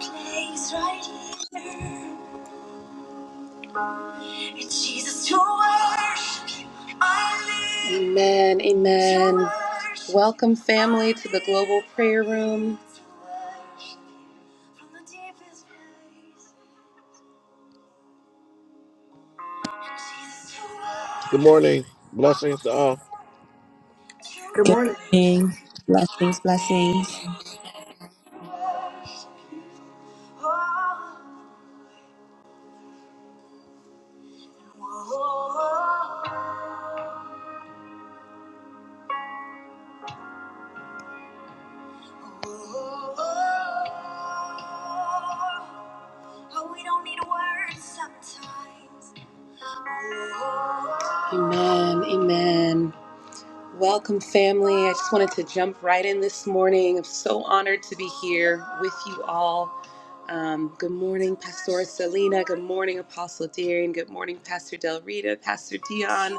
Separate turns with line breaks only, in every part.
place right here. It's Jesus, to worship you, I live. Amen, amen. To worship Welcome, family, to the Global Prayer Room. To worship you from the deepest place. Jesus, to
Good
worship
morning. Blessings to all.
Good
Good
morning.
evening. Blessings, blessings.
Amen, amen. Welcome, family. I just wanted to jump right in this morning. I'm so honored to be here with you all. Um, good morning, Pastor Selena. Good morning, Apostle Darian. Good morning, Pastor Del Rita, Pastor Dion.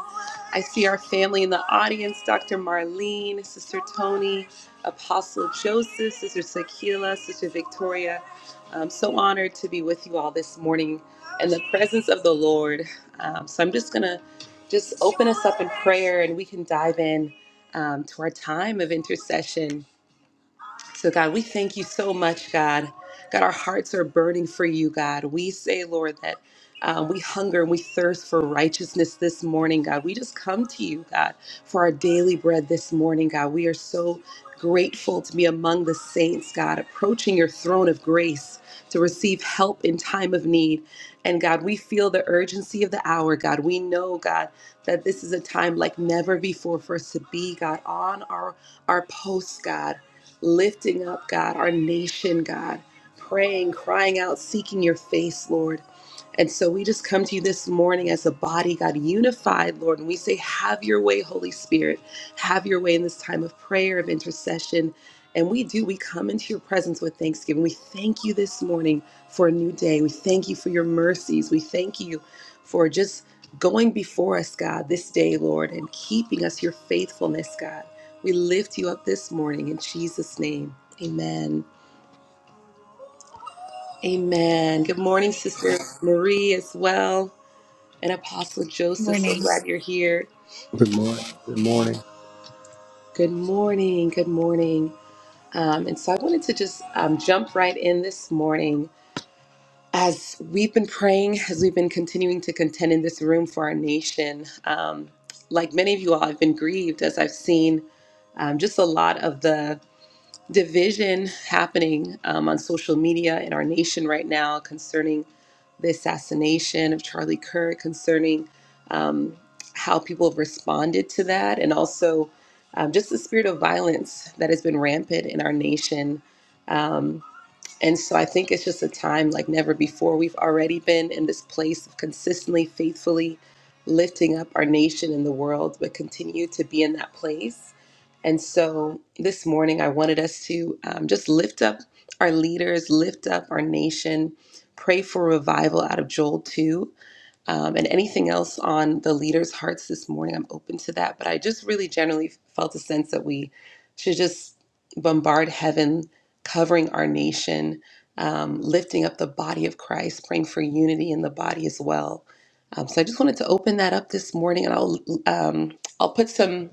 I see our family in the audience Dr. Marlene, Sister Tony, Apostle Joseph, Sister Sakila, Sister Victoria. I'm so honored to be with you all this morning in the presence of the Lord. Um, so I'm just going to just open us up in prayer and we can dive in um, to our time of intercession. So, God, we thank you so much, God. God, our hearts are burning for you, God. We say, Lord, that. Uh, we hunger and we thirst for righteousness this morning, God. We just come to you, God, for our daily bread this morning, God. We are so grateful to be among the saints, God, approaching your throne of grace to receive help in time of need. And God, we feel the urgency of the hour, God. We know, God, that this is a time like never before for us to be, God, on our, our posts, God, lifting up, God, our nation, God, praying, crying out, seeking your face, Lord. And so we just come to you this morning as a body, God, unified, Lord. And we say, Have your way, Holy Spirit. Have your way in this time of prayer, of intercession. And we do, we come into your presence with thanksgiving. We thank you this morning for a new day. We thank you for your mercies. We thank you for just going before us, God, this day, Lord, and keeping us your faithfulness, God. We lift you up this morning in Jesus' name. Amen. Amen. Good morning, Sister Marie, as well and Apostle Joseph. So
Morning.
glad you're here.
Good morning. Good morning.
Good morning. Good morning. Um, and so I wanted to just um, jump right in this morning as we've been praying, as we've been continuing to contend in this room for our nation. Um, like many of you all, I've been grieved as I've seen um, just a lot of the division happening um, on social media in our nation right now concerning the assassination of Charlie Kirk, concerning um, how people have responded to that, and also um, just the spirit of violence that has been rampant in our nation. Um, and so I think it's just a time like never before. We've already been in this place of consistently, faithfully lifting up our nation and the world, but continue to be in that place. And so this morning, I wanted us to um, just lift up our leaders, lift up our nation, pray for revival out of Joel 2 um, and anything else on the leaders' hearts this morning, I'm open to that. But I just really generally felt a sense that we should just bombard heaven, covering our nation, um, lifting up the body of Christ, praying for unity in the body as well. Um, so I just wanted to open that up this morning, and I'll um, I'll put some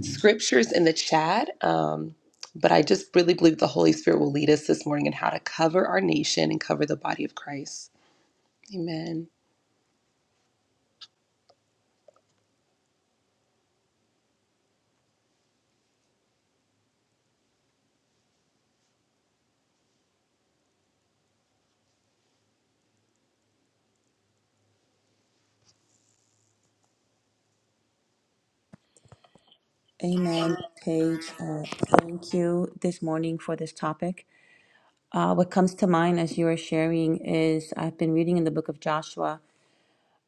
scriptures in the chat. Um, but I just really believe the Holy Spirit will lead us this morning in how to cover our nation and cover the body of Christ. Amen.
Amen. Paige, uh, thank you this morning for this topic. Uh, what comes to mind as you are sharing is I've been reading in the book of Joshua,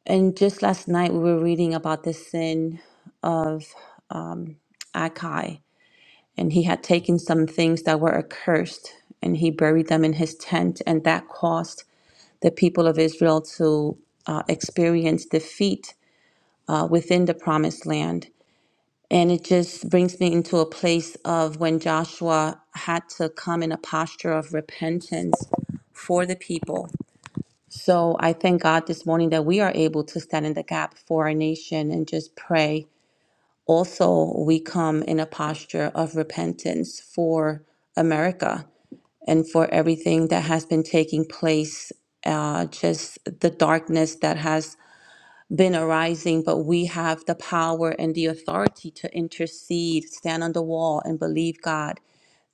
and just last night we were reading about the sin of um, Akai, and he had taken some things that were accursed and he buried them in his tent, and that caused the people of Israel to uh, experience defeat uh, within the promised land. And it just brings me into a place of when Joshua had to come in a posture of repentance for the people. So I thank God this morning that we are able to stand in the gap for our nation and just pray. Also, we come in a posture of repentance for America and for everything that has been taking place, uh, just the darkness that has been arising, but we have the power and the authority to intercede, stand on the wall, and believe God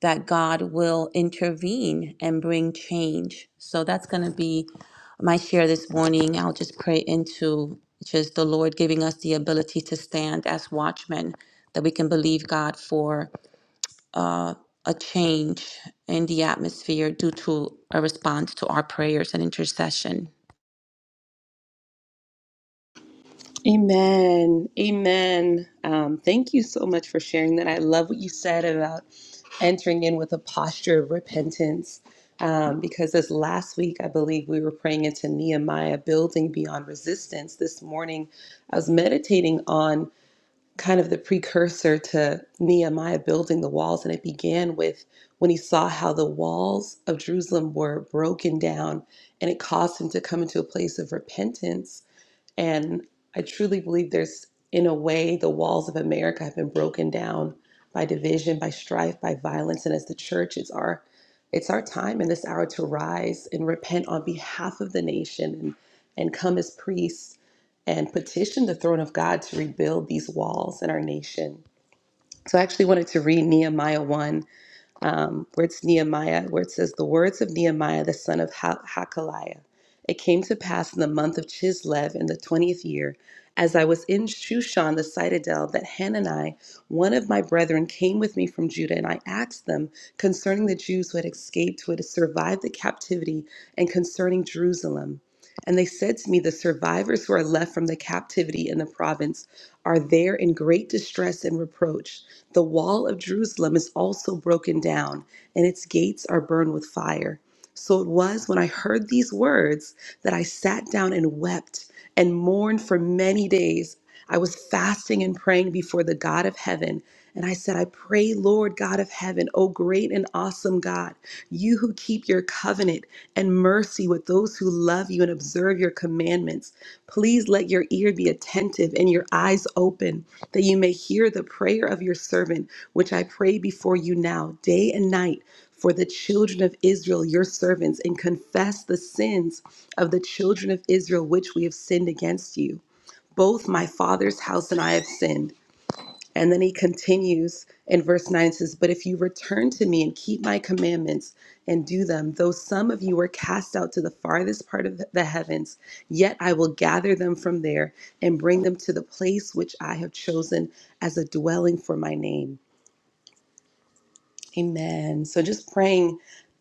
that God will intervene and bring change. So that's going to be my share this morning. I'll just pray into just the Lord giving us the ability to stand as watchmen, that we can believe God for uh, a change in the atmosphere due to a response to our prayers and intercession.
Amen. Amen. Um, thank you so much for sharing that. I love what you said about entering in with a posture of repentance. Um, because this last week, I believe we were praying into Nehemiah building beyond resistance. This morning, I was meditating on kind of the precursor to Nehemiah building the walls, and it began with when he saw how the walls of Jerusalem were broken down, and it caused him to come into a place of repentance and I truly believe there's, in a way, the walls of America have been broken down by division, by strife, by violence. And as the church, it's our it's our time in this hour to rise and repent on behalf of the nation and, and come as priests and petition the throne of God to rebuild these walls in our nation. So I actually wanted to read Nehemiah 1 um, where it's Nehemiah, where it says, The words of Nehemiah, the son of ha- Hakaliah. It came to pass in the month of Chislev in the 20th year, as I was in Shushan the citadel, that Hanani, one of my brethren, came with me from Judah, and I asked them concerning the Jews who had escaped, who had survived the captivity, and concerning Jerusalem. And they said to me, The survivors who are left from the captivity in the province are there in great distress and reproach. The wall of Jerusalem is also broken down, and its gates are burned with fire. So it was when I heard these words that I sat down and wept and mourned for many days. I was fasting and praying before the God of heaven. And I said, I pray, Lord God of heaven, O great and awesome God, you who keep your covenant and mercy with those who love you and observe your commandments, please let your ear be attentive and your eyes open, that you may hear the prayer of your servant, which I pray before you now, day and night for the children of Israel, your servants, and confess the sins of the children of Israel which we have sinned against you. Both my father's house and I have sinned. And then he continues in verse 9 it says, But if you return to me and keep my commandments and do them, though some of you were cast out to the farthest part of the heavens, yet I will gather them from there and bring them to the place which I have chosen as a dwelling for my name. Amen. So just praying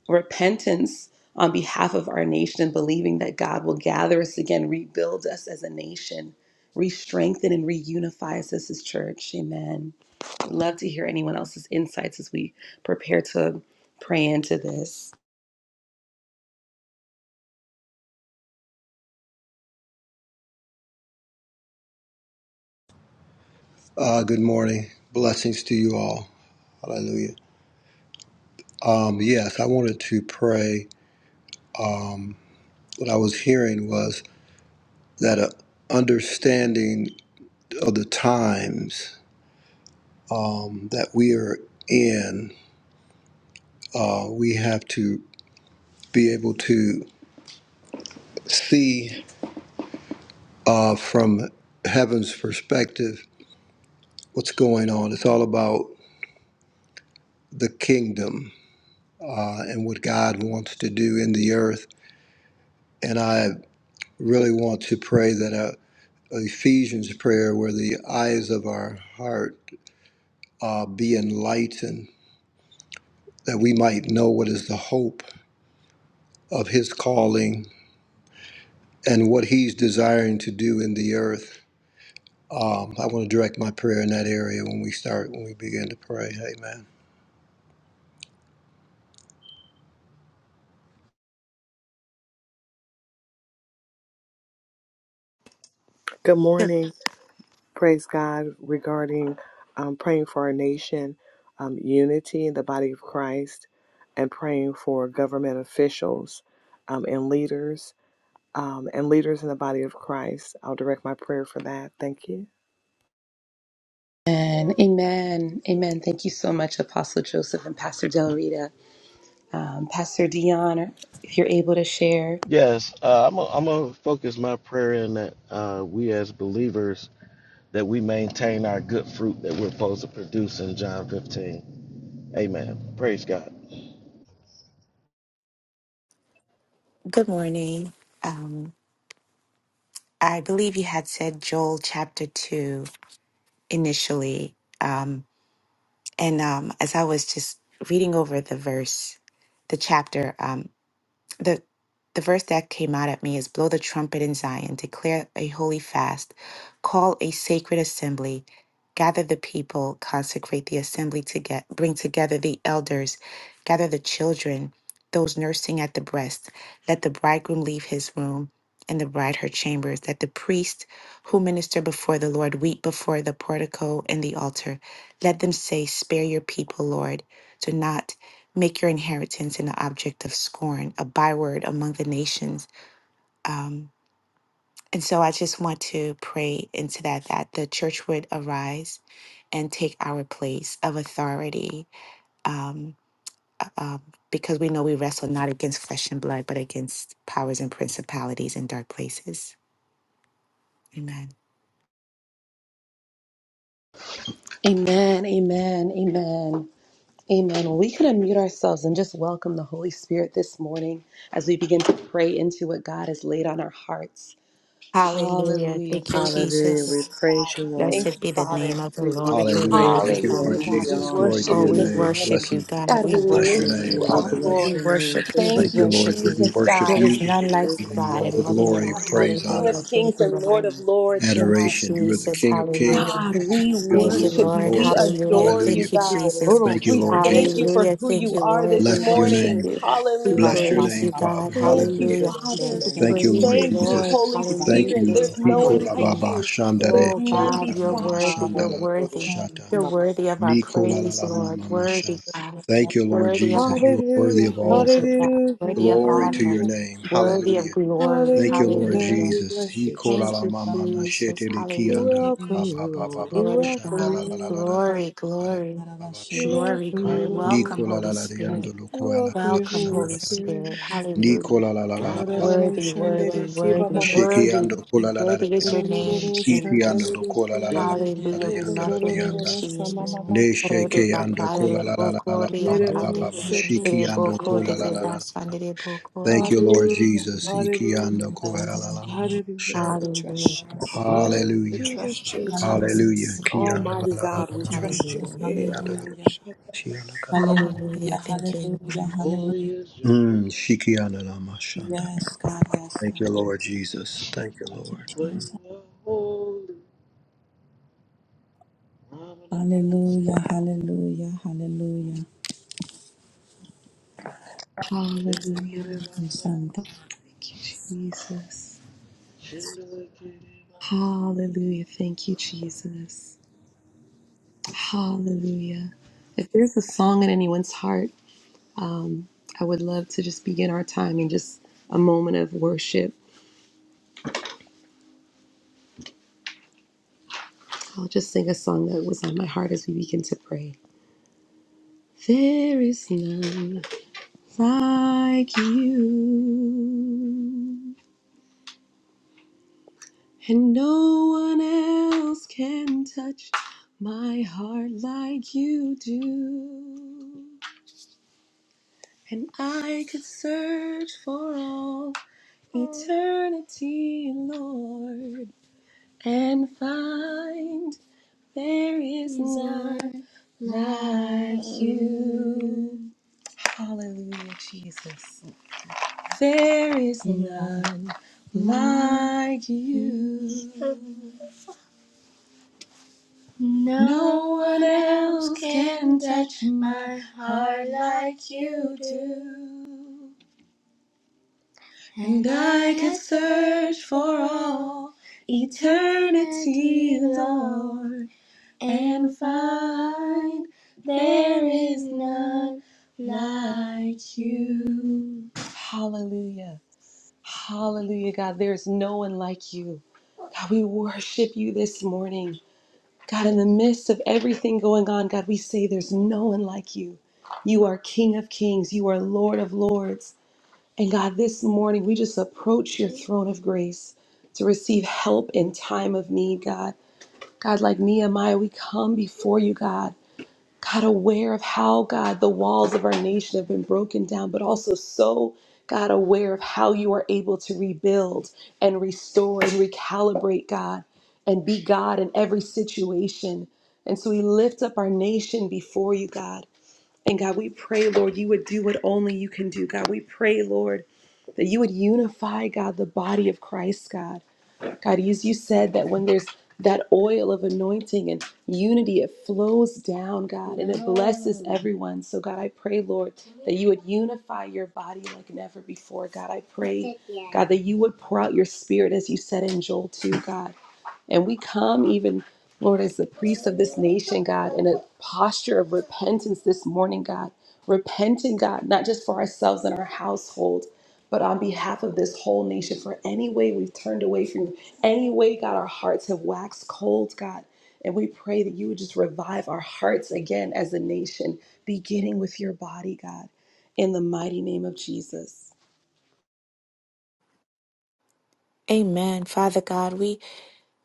repentance on behalf of our nation and believing that God will gather us again, rebuild us as a nation, re-strengthen and reunify us as his church. Amen. I'd love to hear anyone else's insights as we prepare to pray into this.
Uh, good morning. Blessings to you all. Hallelujah. Um, yes, I wanted to pray. Um, what I was hearing was that a understanding of the times um, that we are in, uh, we have to be able to see uh, from heaven's perspective what's going on. It's all about the kingdom uh, and what God wants to do in the earth. and I. really want to pray that a, a Ephesians prayer where the eyes of our heart uh, be enlightened, that we might know what is the hope of His calling and what He's desiring to do in the earth. Um, I want to direct my prayer in that area when we start, when we begin to pray. Amen.
Good morning. Praise God regarding um, praying for our nation, um, unity in the body of Christ, and praying for government officials um, and leaders um, and leaders in the body of Christ. I'll direct my prayer for that. Thank you.
And amen. Amen. Thank you so much, Apostle Joseph and Pastor Del Rita. Um, Pastor Dion, if you're able to share.
Yes, uh, I'm gonna I'm gonna focus my prayer in that uh, we as believers that we maintain our good fruit that we're supposed to produce in John 15. Amen. Praise God.
Good morning. Um, I believe you had said Joel chapter 2 initially. Um, and um, as I was just reading over the verse, the chapter. um, the the verse that came out at me is blow the trumpet in Zion, declare a holy fast, call a sacred assembly, gather the people, consecrate the assembly to get bring together the elders, gather the children, those nursing at the breast, let the bridegroom leave his room and the bride her chambers, that the priests who minister before the Lord weep before the portico and the altar. Let them say, Spare your people, Lord. do not." Make your inheritance an object of scorn, a byword among the nations. Um, and so I just want to pray into that, that the church would arise and take our place of authority. Um, uh, um, because we know we wrestle not against flesh and blood, but against powers and principalities in dark places. Amen.
Amen. Amen. Amen. Amen. Well, we could unmute ourselves and just welcome the Holy Spirit this morning as we begin to pray into what God has laid on our hearts.
Hallelujah.
Hallelujah.
Thank you,
Thank you,
Hallelujah.
Jesus.
We
Jesus.
praise
God,
you,
thank
Lord.
Blessed
you,
be the
Father.
name of the
We give
Lord.
you
You're
Hallelujah.
praise
worthy,
Thank you,
today.
Hallelujah,
Lord
We
God.
give
God.
you
We
Jesus.
honor.
Glory
We
to
worship
Oh,
you
give
your
you
we
this
name.
glory.
morning.
worship you,
Blessings.
God.
God, we
We
Bless your
worship
lift
you.
name.
you
Hallelujah.
up,
We
Hallelujah.
bless
We
Lord.
your name
worship
today.
you. We
Thank
Thank
you,
you,
worship
Lord.
you.
We
Jesus,
worship
There
God.
is
you.
none like
God,
Hallelujah.
We
you,
we
give you
God
all
in
the
all
thank you,
the
glory,
earth.
Father. You're
praise,
King
honor.
Hallelujah.
of
Thank
kings
you,
and Lord
Lord.
of
Hallelujah.
lords,
Thank you,
God.
adoration. You are the
Jesus.
King of Kings.
Hallelujah.
Hallelujah,
God,
hallelujah,
we
You're the
Thank you,
Lord
worship
of
you.
Lord.
We
Lords.
Hallelujah.
adore
We
Hallelujah.
you,
Thank you,
bless
God.
Jesus.
Thank you,
We
Lord
your name, God. We
thank
Jesus.
you for
bless
Hallelujah.
who
your
Thank
you
you,
name.
are
Lord.
this
We
Bless
We
your
worship
morning.
name.
bless
you.
your name.
We
Bless
Hallelujah.
your
praise you,
name,
God.
Father.
Thank you,
Hallelujah.
Hallelujah.
We say
Father.
We
thank
Thank
you,
you,
praise
Lord
you,
Thank you,
Lord.
Jesus.
Holy
God.
Thank
Hallelujah.
Spirit.
you.
There's
We
There's
none
no
Thank
like
one
Nikola
like
you.
Baba
you,
you for
Shandare
there's
Oh,
Kia
none
la
God, you're
your
Mama
beside.
worthy. You're
Shandala la
worthy.
time.
Shata.
You're worthy of our
Oh,
Nikola la
praise,
la
God,
Mama
Lord. Worthy,
Mashan.
God.
all
Thank you, Lord
Worthy of
Jesus.
our
You are worthy of all
praise,
praise.
O God,
hallelujah,
worthy of
Glory to
honor,
your name.
the time
worthy of
Hallelujah.
we
glory.
Thank you, Lord
hallelujah.
Hallelujah.
We
Jesus.
bless
He
you,
called
Jesus.
Thank
la
you,
trust
mama
for
na
you.
Jesus.
shete ki
We
anda
Hallelujah.
Maybe We
welcome
la
wish
ba
you,
you
ba
to
ba
Lord.
ba
be
We
ba
your
Glory,
welcome
shanda
you,
la
God.
la la la la
Lord.
holy
Glory,
la la
son,
glory,
God of
ba
our
ba
We
shame. Lord.
shita.
glory,
welcome you,
glory.
Lord.
Welcome,
Nicola
Holy
la la la
We
Spirit.
ando lo
We
koa la la
welcome
la
you,
Welcome,
la
Holy
Holy
la
pray
la.
Spirit.
Spirit.
you
Hallelujah.
Nicola la la la la ba
Worthy, worthy,
ma
worthy,
word
shiki
worthy.
ando
you
kola
you
la la la
Worthy is your
ando lo
name,
Yororororo
so
kiti
God.
Jesus.
ando lo
shandarereke,
kola la la la
Made
la
Hallelujah.
of
la
We
us
ando
love
in
la
your
la
name,
the
yororororo
ta.
wish,
Jesus.
Lord.
Ne
Rode
sheke
samamabakayarere,
ando
bakaya
We
kola la
bless
la
lebo
la la la
your
ba
gloria
ba ba
nereroro
kande.
ba
name.
ba
We bless
soto
shiki
Lebo
ando
your
kode
name.
kola la la
shamamamasere.
leba
la.
sande lebo
We
kora.
Thank you, Lord
Hallelujah,
bless your
Jesus.
name.
Iki
hallelujah,
ando
We
koa
bless
la la la ma
your
hallelujah.
shanda.
Lord, We trust
Hallelujah.
you.
name.
Thank
We
Hallelujah.
trust you.
you,
Hallelujah.
Hallelujah.
Jesus.
Hallelujah.
Kiana la
Almighty
la
you,
la
God, we
la la la
trust
la.
you.
Jesus.
Hallelujah.
Hey,
Kiana la
Hallelujah.
Adonai.
shiana kana.
Hallelujah.
Hallelujah.
Thank you,
Hallelujah.
Lord.
Hallelujah.
Mm, shikiana la mashanda.
Yes, God. Yes,
Thank you,
God.
Lord Jesus. Thank you,
Thank you,
Lord.
Jesus. Hallelujah. Hallelujah. Hallelujah.
Hallelujah.
Santa.
Thank you, Jesus. Hallelujah. Thank you, Jesus. Hallelujah. If there's a song in anyone's heart, um, I would love to just begin our time in just a moment of worship I'll just sing a song that was on my heart as we begin to pray. There is none like you, and no one else can touch my heart like you do. And I could search for all eternity, Lord, and find there is none like you. Hallelujah, Jesus. There is none like you. No No one else can touch my heart like like you do. And I can search for all eternity, eternity, Lord, and find there is none like like you. Hallelujah. Hallelujah, God. There is no one like you. God, we worship you this morning. God, in the midst of everything going on, God, we say there's no one like you. You are King of kings, you are Lord of lords. And God, this morning we just approach your throne of grace to receive help in time of need, God. God, like Nehemiah, we come before you, God. God, aware of how, God, the walls of our nation have been broken down, but also so, God, aware of how you are able to rebuild and restore and recalibrate, God, and be God in every situation. And so we lift up our nation before you, God. And God, we pray, Lord, you would do what only you can do, God. We pray, Lord, that you would unify, God, the body of Christ, God. God, as you said that when there's that oil of anointing and unity, it flows down, God, and it blesses everyone. So, God, I pray, Lord, that you would unify your body like never before. God, I pray, God, that you would pour out your spirit, as you said in Joel 2, God. And we come even. Lord, as the priest of this nation, God, in a posture of repentance this morning, God, repenting, God, not just for ourselves and our household, but on behalf of this whole nation, for any way we've turned away from you, any way, God, our hearts have waxed cold, God. And we pray that you would just revive our hearts again as a nation, beginning with your body, God, in the mighty name of Jesus.
Amen. Father God, we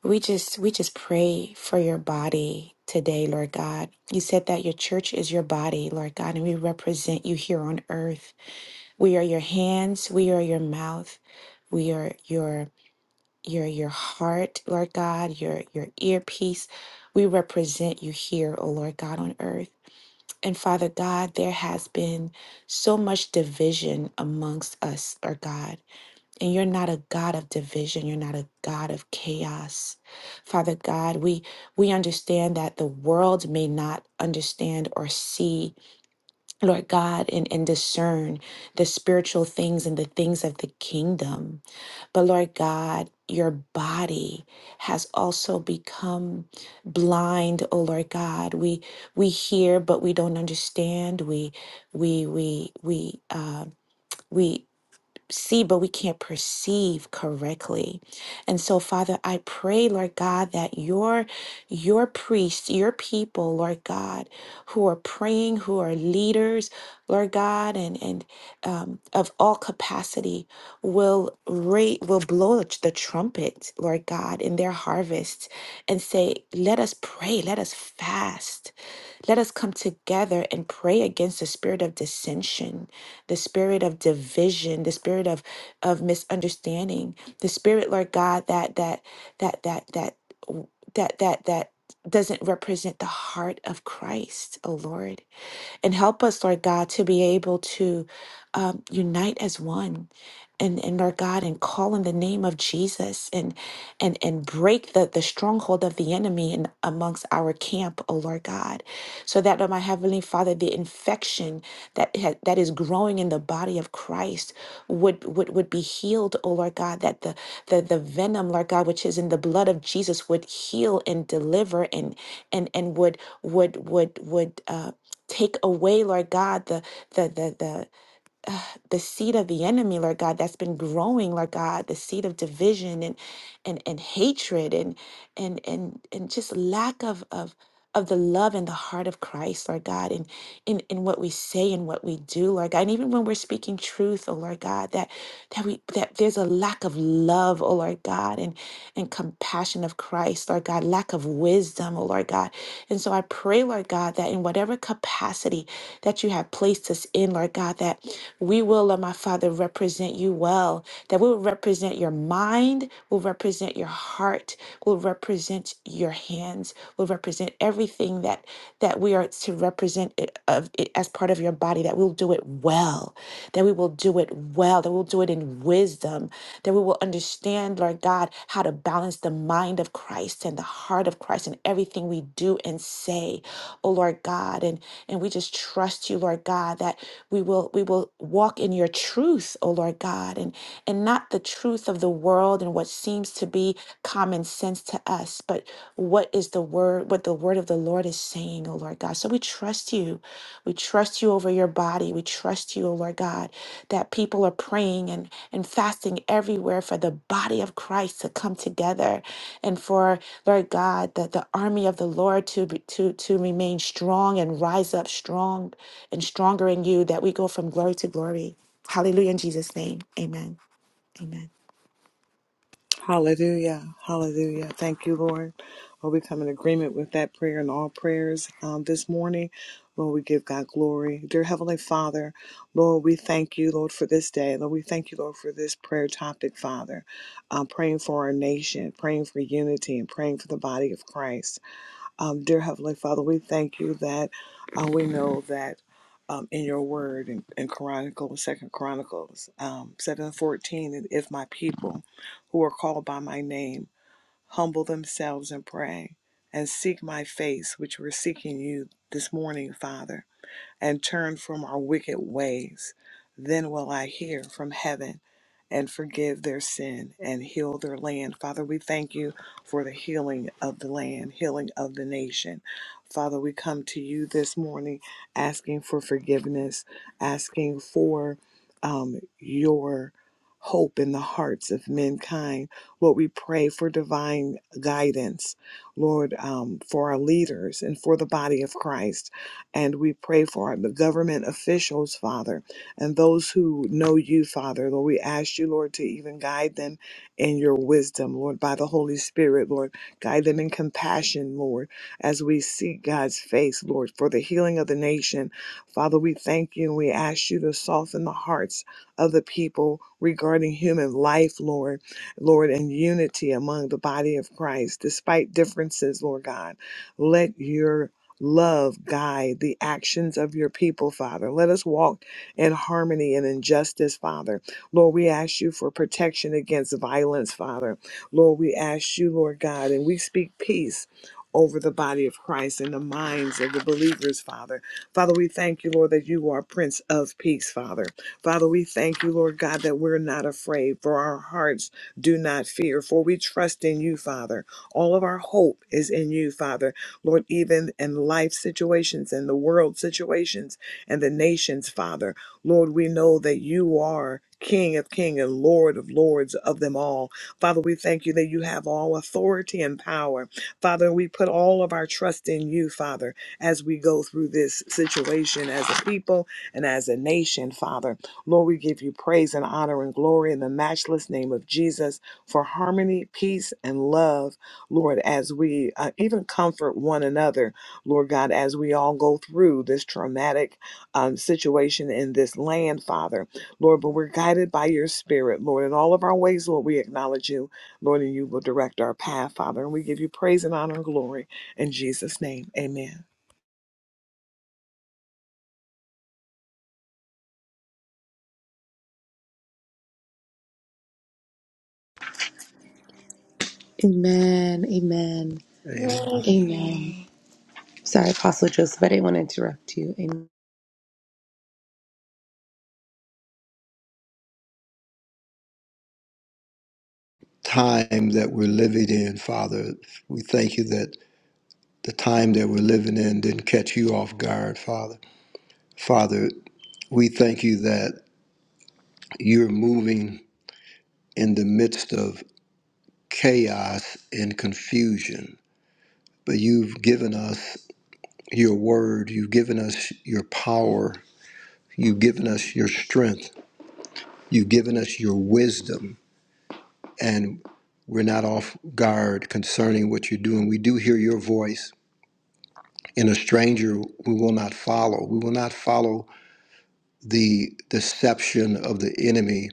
we just we just pray for your body today, Lord God. You said that your church is your body, Lord God, and we represent you here on earth. We are your hands, we are your mouth, we are your your your heart, Lord God, your your earpiece. We represent you here, O Lord God on earth. And Father God, there has been so much division amongst us, our God. And you're not a God of division. You're not a God of chaos. Father God, we we understand that the world may not understand or see Lord God, and, and discern the spiritual things and the things of the kingdom. But Lord God, your body has also become blind, oh Lord God. We we hear, but we don't understand. We we we we uh, we see, but we can't perceive correctly. And so, Father, I pray, Lord God, that your your priests, your people, Lord God, who are praying, who are leaders, Lord God, and and um, of all capacity, will rate will blow the trumpet, Lord God, in their harvests, and say, "Let us pray, let us fast, let us come together and pray against the spirit of dissension." the spirit of division, the spirit of of misunderstanding, the spirit, Lord God, that that that that that that that that doesn't represent the heart of Christ, oh Lord. And help us, Lord God, to be able to um, unite as one. And, and Lord God, and call in the name of Jesus and and and break the, the stronghold of the enemy in amongst our camp, oh Lord God. So that, oh my Heavenly Father, the infection that ha- that is growing in the body of Christ would would would be healed, oh Lord God, that the, the the venom, Lord God, which is in the blood of Jesus would heal and deliver and and and would would would would uh Take away, Lord God, the the the the uh, the seed of the enemy, Lord God, that's been growing, Lord God, the seed of division and and and hatred and and and and just lack of of of the love and the heart of Christ, Lord God, and in in what we say and what we do, Lord God, and even when we're speaking truth, oh Lord God, that that we that there's a lack of love, oh Lord God, and and compassion of Christ, Lord God, lack of wisdom, oh Lord God, and so I pray, Lord God, that in whatever capacity that you have placed us in, Lord God, that we will, Lord my Father, represent you well, that we will represent your mind, will represent your heart, will represent your hands, will represent everything that that we are to represent it, of it as part of your body, that we'll do it well, that we will do it well, that we'll do it in wisdom, that we will understand, Lord God, how to balance the mind of Christ and the heart of Christ in everything we do and say, oh Lord God. And and we just trust you, Lord God, that we will we will walk in your truth, O Lord God, and and not the truth of the world and what seems to be common sense to us, but what is the word, what the word of the Lord is saying, O Lord God. So we trust you. We trust you over your body. We trust you, O Lord God, that people are praying and, and fasting everywhere for the body of Christ to come together and for, Lord God, that the army of the Lord to be, to to remain strong and rise up strong and stronger in you that we go from glory to glory. Hallelujah in Jesus' name. Amen. Amen.
Hallelujah. Hallelujah. Thank you, Lord. Lord, we come in agreement with that prayer and all prayers um, this morning. Lord, we give God glory. Dear Heavenly Father, Lord, we thank you, Lord, for this day. Lord, we thank you, Lord, for this prayer topic, Father. Um, praying for our nation, praying for unity, and praying for the body of Christ. Um, dear Heavenly Father, we thank you that uh, we know that um, in your word in, in Chronicles, Second Chronicles, um, seven fourteen, and if my people, who are called by my name, humble themselves and pray and seek my face, which we're seeking you this morning, Father and turn from our wicked ways. Then will I hear from heaven and forgive their sin and heal their land. Father, we thank you for the healing of the land, healing of the nation. Father, we come to you this morning asking for forgiveness, asking for um, your hope in the hearts of mankind. Lord, we pray for divine guidance, Lord, um, for our leaders and for the body of Christ. And we pray for the government officials, Father, and those who know you, Father. Lord, we ask you, Lord, to even guide them in your wisdom, Lord, by the Holy Spirit, Lord. Guide them in compassion, Lord, as we seek God's face, Lord, for the healing of the nation. Father, we thank you and we ask you to soften the hearts of the people regarding human life, Lord, Lord, and unity among the body of Christ, despite differences, Lord God. Let your love guide the actions of your people, Father. Let us walk in harmony and in justice, Father. Lord, we ask you for protection against violence, Father. Lord, we ask you, Lord God, and we speak peace over the body of Christ and the minds of the believers, Father. Father, we thank you, Lord, that you are Prince of Peace, Father. Father, we thank you, Lord God, that we're not afraid, for our hearts do not fear, for we trust in you, Father. All of our hope is in you, Father. Lord, even in life situations and the world situations and the nations, Father. Lord, we know that you are King of King and Lord of Lords of them all. Father, we thank you that you have all authority and power. Father, we put all of our trust in you, Father, as we go through this situation as a people and as a nation, Father. Lord, we give you praise and honor and glory in the matchless name of Jesus for harmony, peace, and love, Lord, as we uh, even comfort one another, Lord God, as we all go through this traumatic um, situation in this land, Father. Lord, but we're guided by your spirit, Lord. In all of our ways, Lord, we acknowledge you Lord, and you will direct our path, Father. And we give you praise and honor and glory in Jesus' name. Amen.
Amen. Amen.
Amen.
Amen. Amen. Sorry, Apostle Joseph, I didn't want to interrupt you. Amen.
Time that we're living in, Father, we thank you that the time that we're living in didn't catch you off guard, Father. Father, we thank you that you're moving in the midst of chaos and confusion, but you've given us your word. You've given us your power. You've given us your strength. You've given us your wisdom. And we're not off guard concerning what you're doing. We do hear your voice. In a stranger, we will not follow. We will not follow the deception of the enemy,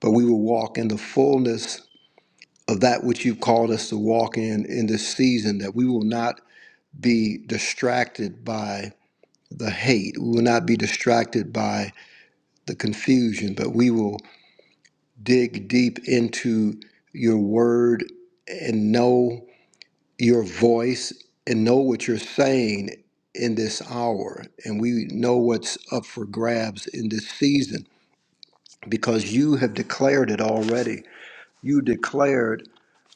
but we will walk in the fullness of that which you've called us to walk in in this season, that we will not be distracted by the hate. We will not be distracted by the confusion, but we will dig deep into your word and know your voice and know what you're saying in this hour. And we know what's up for grabs in this season because you have declared it already. You declared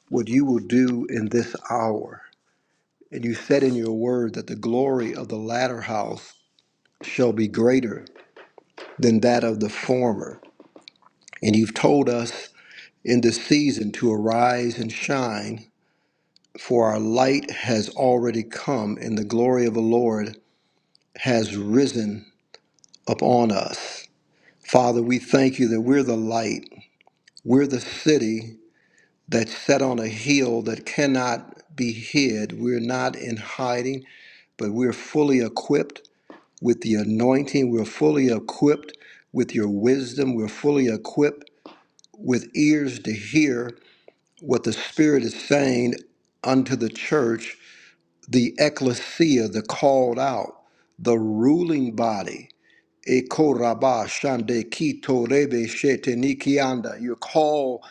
what you will do in this hour. And you said in your word that the glory of the latter house shall be greater than that of the former. And you've told us in this season to arise and shine, for our light has already come, and the glory of the Lord has risen upon us. Father, we thank you that we're the light. We're the city that's set on a hill that cannot be hid. We're not in hiding, but we're fully equipped with the anointing. We're fully equipped with your wisdom. We're fully equipped with ears to hear what the Spirit is saying unto the church, the ecclesia, the called out, the ruling body. Ekoraba shande kito rebe shete nikianda. You're called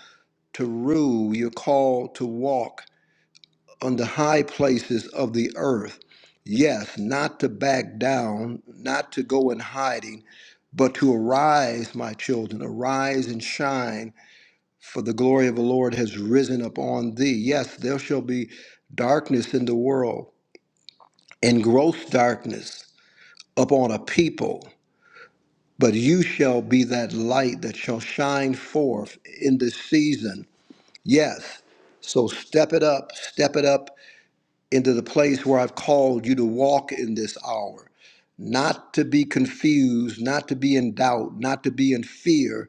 to rule, you're called to walk on the high places of the earth. Yes, not to back down, not to go in hiding, but to arise, my children, arise and shine for the glory of the Lord has risen upon thee. Yes, there shall be darkness in the world, and gross darkness upon a people, but you shall be that light that shall shine forth in this season. Yes. So step it up, step it up into the place where I've called you to walk in this hour. Not to be confused, not to be in doubt, not to be in fear,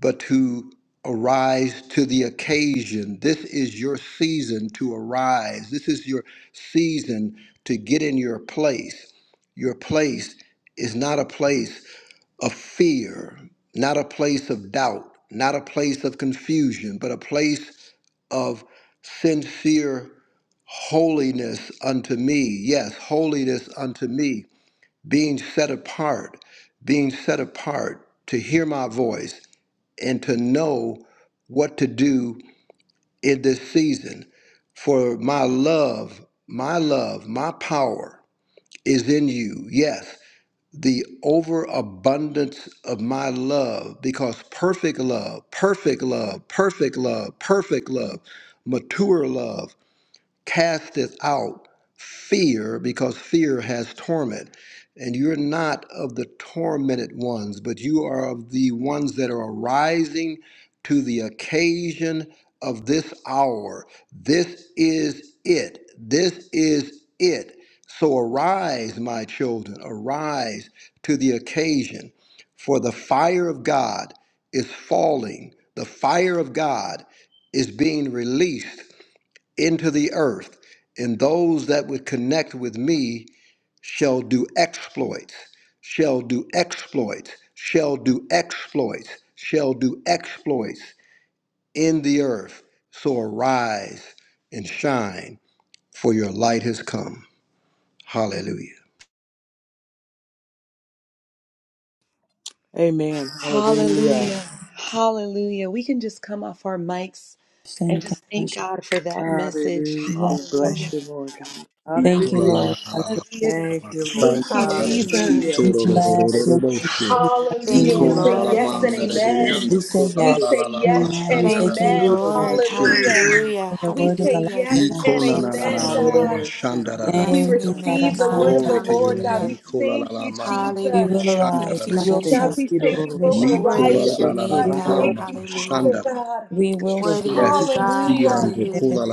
but to arise to the occasion. This is your season to arise. This is your season to get in your place. Your place is not a place of fear, not a place of doubt, not a place of confusion, but a place of sincere holiness unto me. Yes, holiness unto me, being set apart, being set apart to hear my voice and to know what to do in this season. For my love, my love, my power is in you. Yes, the overabundance of my love, because perfect love, perfect love, perfect love, perfect love, mature love casteth out fear because fear has torment. And you're not of the tormented ones, but you are of the ones that are arising to the occasion of this hour. This is it. This is it. So arise, my children, arise to the occasion. For the fire of God is falling, the fire of God is being released into the earth, and those that would connect with me shall do exploits, shall do exploits, shall do exploits, shall do exploits in the earth. So arise and shine, for your light has come. Hallelujah.
Amen. Hallelujah.
Hallelujah. Hallelujah. We can just come off our mics and
Santa.
just thank God for that message.
Hallelujah.
Yes,
We
Hallelujah.
bless
Lord.
you, Lord God.
Thank you,
Hallelujah.
Lord. Hallelujah.
Hallelujah, God.
Thank
We
you, Lord.
thank you,
Hallelujah.
Hallelujah.
Thank
Jesus.
you,
We
As we
bless
rise
Jesus.
you. We bless your
Thank
Hallelujah.
you,
We
name.
say
our
Lord.
yes and
Thank you,
amen.
We say
Jesus.
We
yes.
say
and
yes
Amen.
and
We say
Thank you,
thank you,
amen.
Lord.
Lord.
Hallelujah.
Hallelujah.
For your
We
word is
say
alive
Hallelujah.
in
yes
Glory
us.
Thank you,
and
Lord God.
amen,
Jesus.
God. We
Yes and
Thank you,
amen,
Baba
receive the word
God.
of
Santa.
the
to your
Lord, God.
Hallelujah.
We
name.
thank you,
We
Jesus.
will
Hallelujah. Thank
arise.
you,
We will
God,
Jesus.
we say we will
shine.
arise
Worthy
and
is your name,
shine.
We
God.
will,
Thank you,
Hallelujah.
Father God.
we will shout.
Strengthen
Worthy are
your
you,
people,
God.
Father.
Hallelujah.
Hallelujah.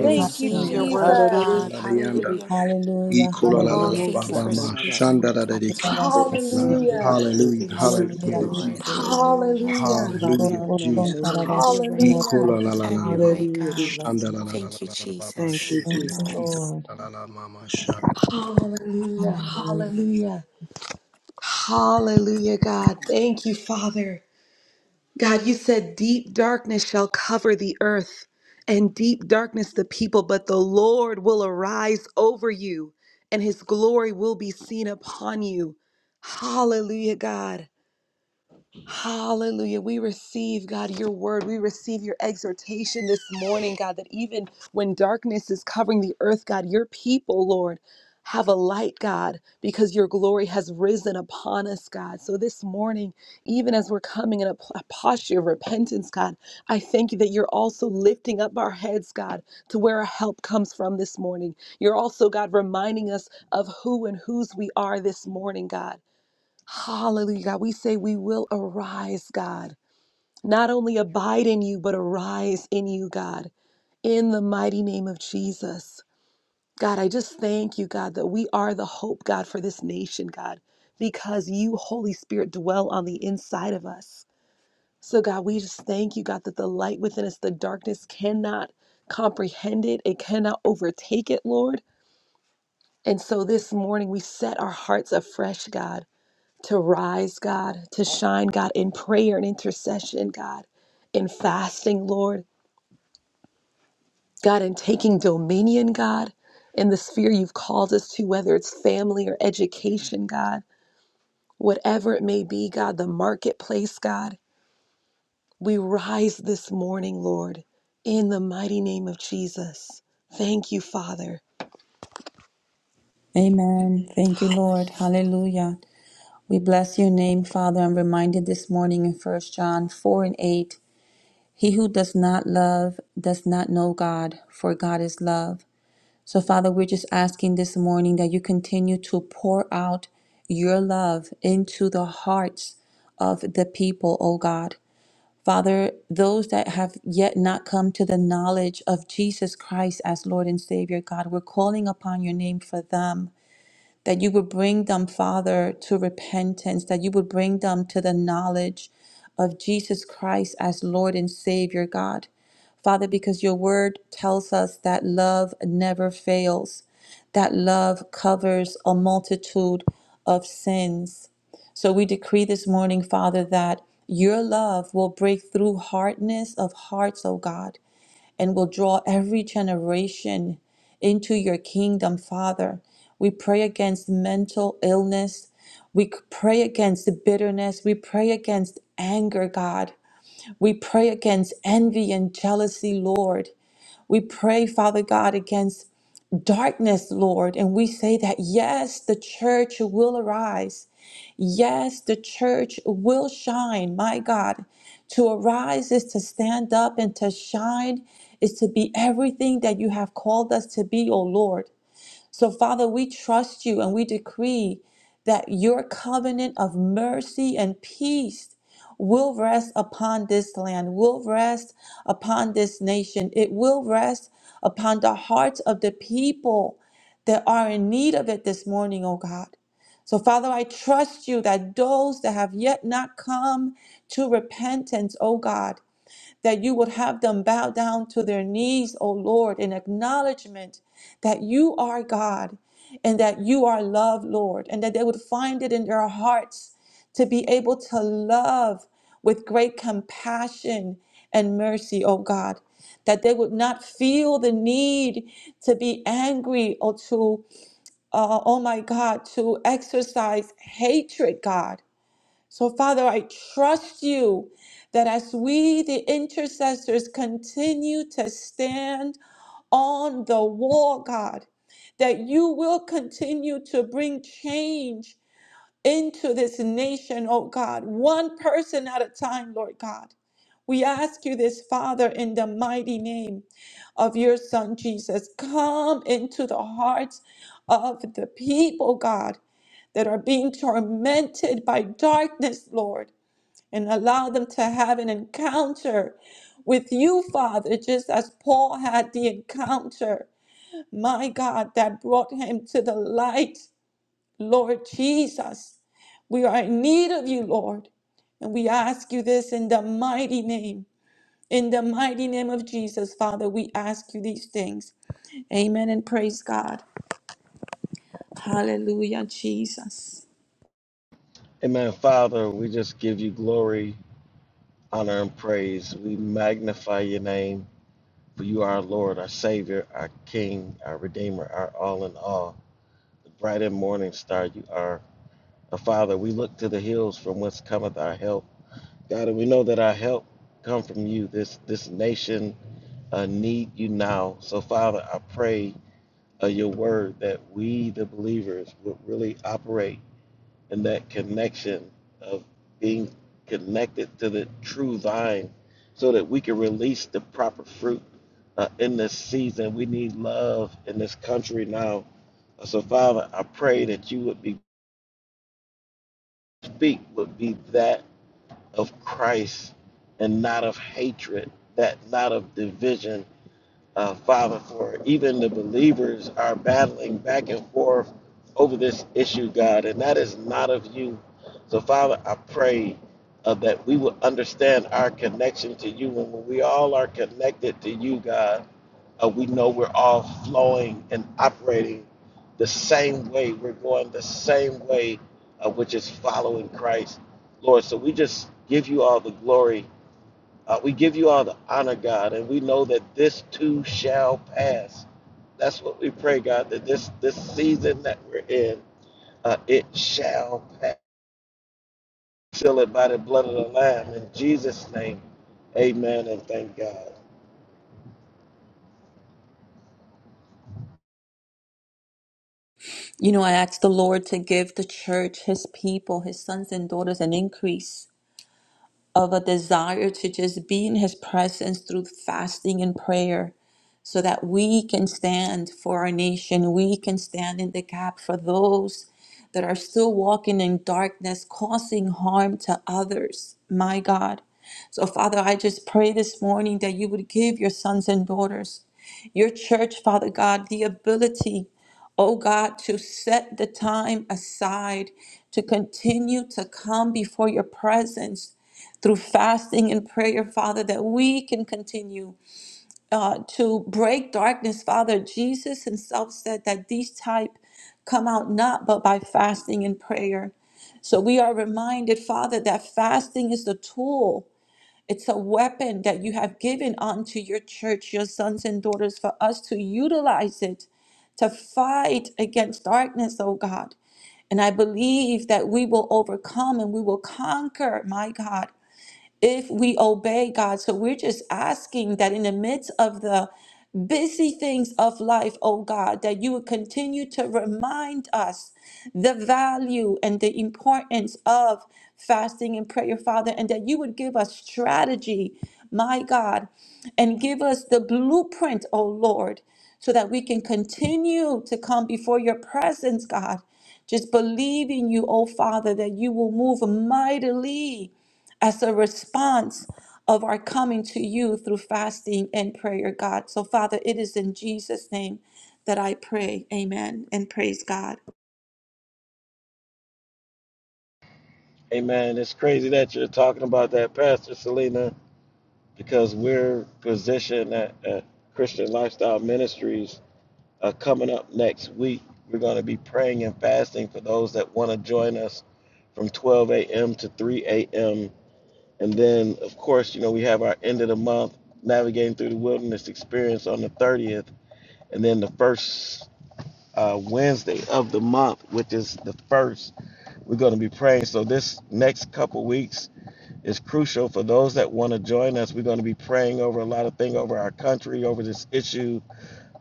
We
Thank
and
you,
receive
Hallelujah.
shine.
your word,
Jesus.
Hallelujah.
God.
Hallelujah.
Hallelujah.
Hallelujah.
Oh, thank you for
Ananamosatadabara.
speaking, Lord God, into our
Hallelujah.
hearts.
Hallelujah.
Hallelujah.
We receive it,
Hallelujah.
Lord.
Glory.
Sukuroshanabara.
Hallelujah. Have your
Hallelujah.
way.
Global song that I've
Sabatanananene.
Have your
Lord.
way.
Hallelujah.
Have your
Hallelujah.
way,
Hallelujah. We
God.
bless you, Lord.
Thank you,
Thank
Jesus.
you,
Thank you,
Amen.
Jesus.
Lord.
Hallelujah.
Hallelujah.
Hallelujah. Hallelujah, God. Thank you, Father. God, you said deep darkness shall cover the earth and deep darkness the people, but the Lord will arise over you and his glory will be seen upon you. Hallelujah, God. Hallelujah. We receive, God, your word. We receive your exhortation this morning, God, that even when darkness is covering the earth, God, your people, Lord, have a light, God, because your glory has risen upon us, God. So this morning, even as we're coming in a, p- a posture of repentance, God, I thank you that you're also lifting up our heads, God, to where our help comes from this morning. You're also, God, reminding us of who and whose we are this morning, God. Hallelujah, God. We say we will arise, God. Not only abide in you, but arise in you, God, in the mighty name of Jesus. God, I just thank you, God, that we are the hope, God, for this nation, God, because you, Holy Spirit, dwell on the inside of us. So, God, we just thank you, God, that the light within us, the darkness cannot comprehend it, it cannot overtake it, Lord. And so this morning we set our hearts afresh, God. to rise, God, to shine, God, in prayer and intercession, God, in fasting, Lord, God, in taking dominion, God, in the sphere you've called us to, whether it's family or education, God, whatever it may be, God, the marketplace, God. We rise this morning, Lord, in the mighty name of Jesus. Thank you, Father.
Amen. Thank you, Lord. Hallelujah. We bless your name, Father. I'm reminded this morning in First John 4 and 8 He who does not love does not know God, for God is love. So, Father, we're just asking this morning that you continue to pour out your love into the hearts of the people, O God. Father, those that have yet not come to the knowledge of Jesus Christ as Lord and Savior, God, we're calling upon your name for them that you would bring them, Father, to repentance, that you would bring them to the knowledge of Jesus Christ as Lord and Savior, God. Father, because your word tells us that love never fails, that love covers a multitude of sins. So we decree this morning, Father, that your love will break through hardness of hearts, O God, and will draw every generation into your kingdom, Father. We pray against mental illness. We pray against the bitterness. We pray against anger, God. We pray against envy and jealousy, Lord. We pray, Father God, against darkness, Lord. And we say that, yes, the church will arise. Yes, the church will shine, my God. To arise is to stand up and to shine is to be everything that you have called us to be, O Lord. So, Father, we trust you and we decree that your covenant of mercy and peace will rest upon this land, will rest upon this nation. It will rest upon the hearts of the people that are in need of it this morning, oh God. So, Father, I trust you that those that have yet not come to repentance, oh God, that you would have them bow down to their knees, O Lord, in acknowledgement that you are God and that you are love, Lord, and that they would find it in their hearts to be able to love with great compassion and mercy, O God. That they would not feel the need to be angry or to, uh, oh my God, to exercise hatred, God so, Father, I trust you that as we, the intercessors, continue to stand on the wall, God, that you will continue to bring change into this nation, oh God, one person at a time, Lord God. We ask you this, Father, in the mighty name of your Son Jesus. Come into the hearts of the people, God, that are being tormented by darkness, Lord and allow them to have an encounter with you, Father, just as Paul had the encounter, my God, that brought him to the light, Lord Jesus. We are in need of you, Lord, and we ask you this in the mighty name. In the mighty name of Jesus, Father, we ask you these things. Amen and praise God. Hallelujah, Jesus.
Amen. Father, we just give you glory, honor, and praise. We magnify your name, for you are our Lord, our Savior, our King, our Redeemer, our all in all. The bright and morning star you are. Uh, Father, we look to the hills from whence cometh our help. God, and we know that our help come from you. This this nation uh, need you now. So, Father, I pray uh, your word that we, the believers, would really operate in that connection of being connected to the true vine, so that we can release the proper fruit uh, in this season. We need love in this country now. So, Father, I pray that you would be speak would be that. of Christ and not of hatred, that not of division. Uh, Father, for even the believers are battling back and forth over this issue, God, and that is not of you. So, Father, I pray uh, that we will understand our connection to you. And when we all are connected to you, God, uh, we know we're all flowing and operating the same way. We're going the same way, uh, which is following Christ, Lord. So we just give you all the glory. Uh, we give you all the honor, God, and we know that this too shall pass. That's what we pray, God, that this this season that we're in, uh, it shall pass. Seal it by the blood of the Lamb in Jesus' name. Amen and thank God.
You know, I asked the Lord to give the church, his people, his sons and daughters, an increase of a desire to just be in his presence through fasting and prayer so that we can stand for our nation we can stand in the gap for those that are still walking in darkness causing harm to others my god so father i just pray this morning that you would give your sons and daughters your church father god the ability oh god to set the time aside to continue to come before your presence through fasting and prayer, Father, that we can continue uh, to break darkness, Father. Jesus himself said that these type come out not but by fasting and prayer. So we are reminded, Father, that fasting is the tool. It's a weapon that you have given unto your church, your sons and daughters, for us to utilize it to fight against darkness, oh God. And I believe that we will overcome and we will conquer, my God, if we obey God. So we're just asking that in the midst of the busy things of life, oh God, that you would continue to remind us the value and the importance of fasting and prayer, Father, and that you would give us strategy, my God, and give us the blueprint, oh Lord, so that we can continue to come before your presence, God. Just believing you, oh Father, that you will move mightily as a response of our coming to you through fasting and prayer, God. So, Father, it is in Jesus' name that I pray. Amen. And praise God.
Amen. It's crazy that you're talking about that, Pastor Selena because we're positioned at, at Christian Lifestyle Ministries uh, coming up next week. We're going to be praying and fasting for those that want to join us from 12 a.m. to 3 a.m. And then, of course, you know, we have our end of the month navigating through the wilderness experience on the 30th. And then the first uh, Wednesday of the month, which is the first, we're going to be praying. So, this next couple weeks, is crucial for those that want to join us. We're going to be praying over a lot of things over our country, over this issue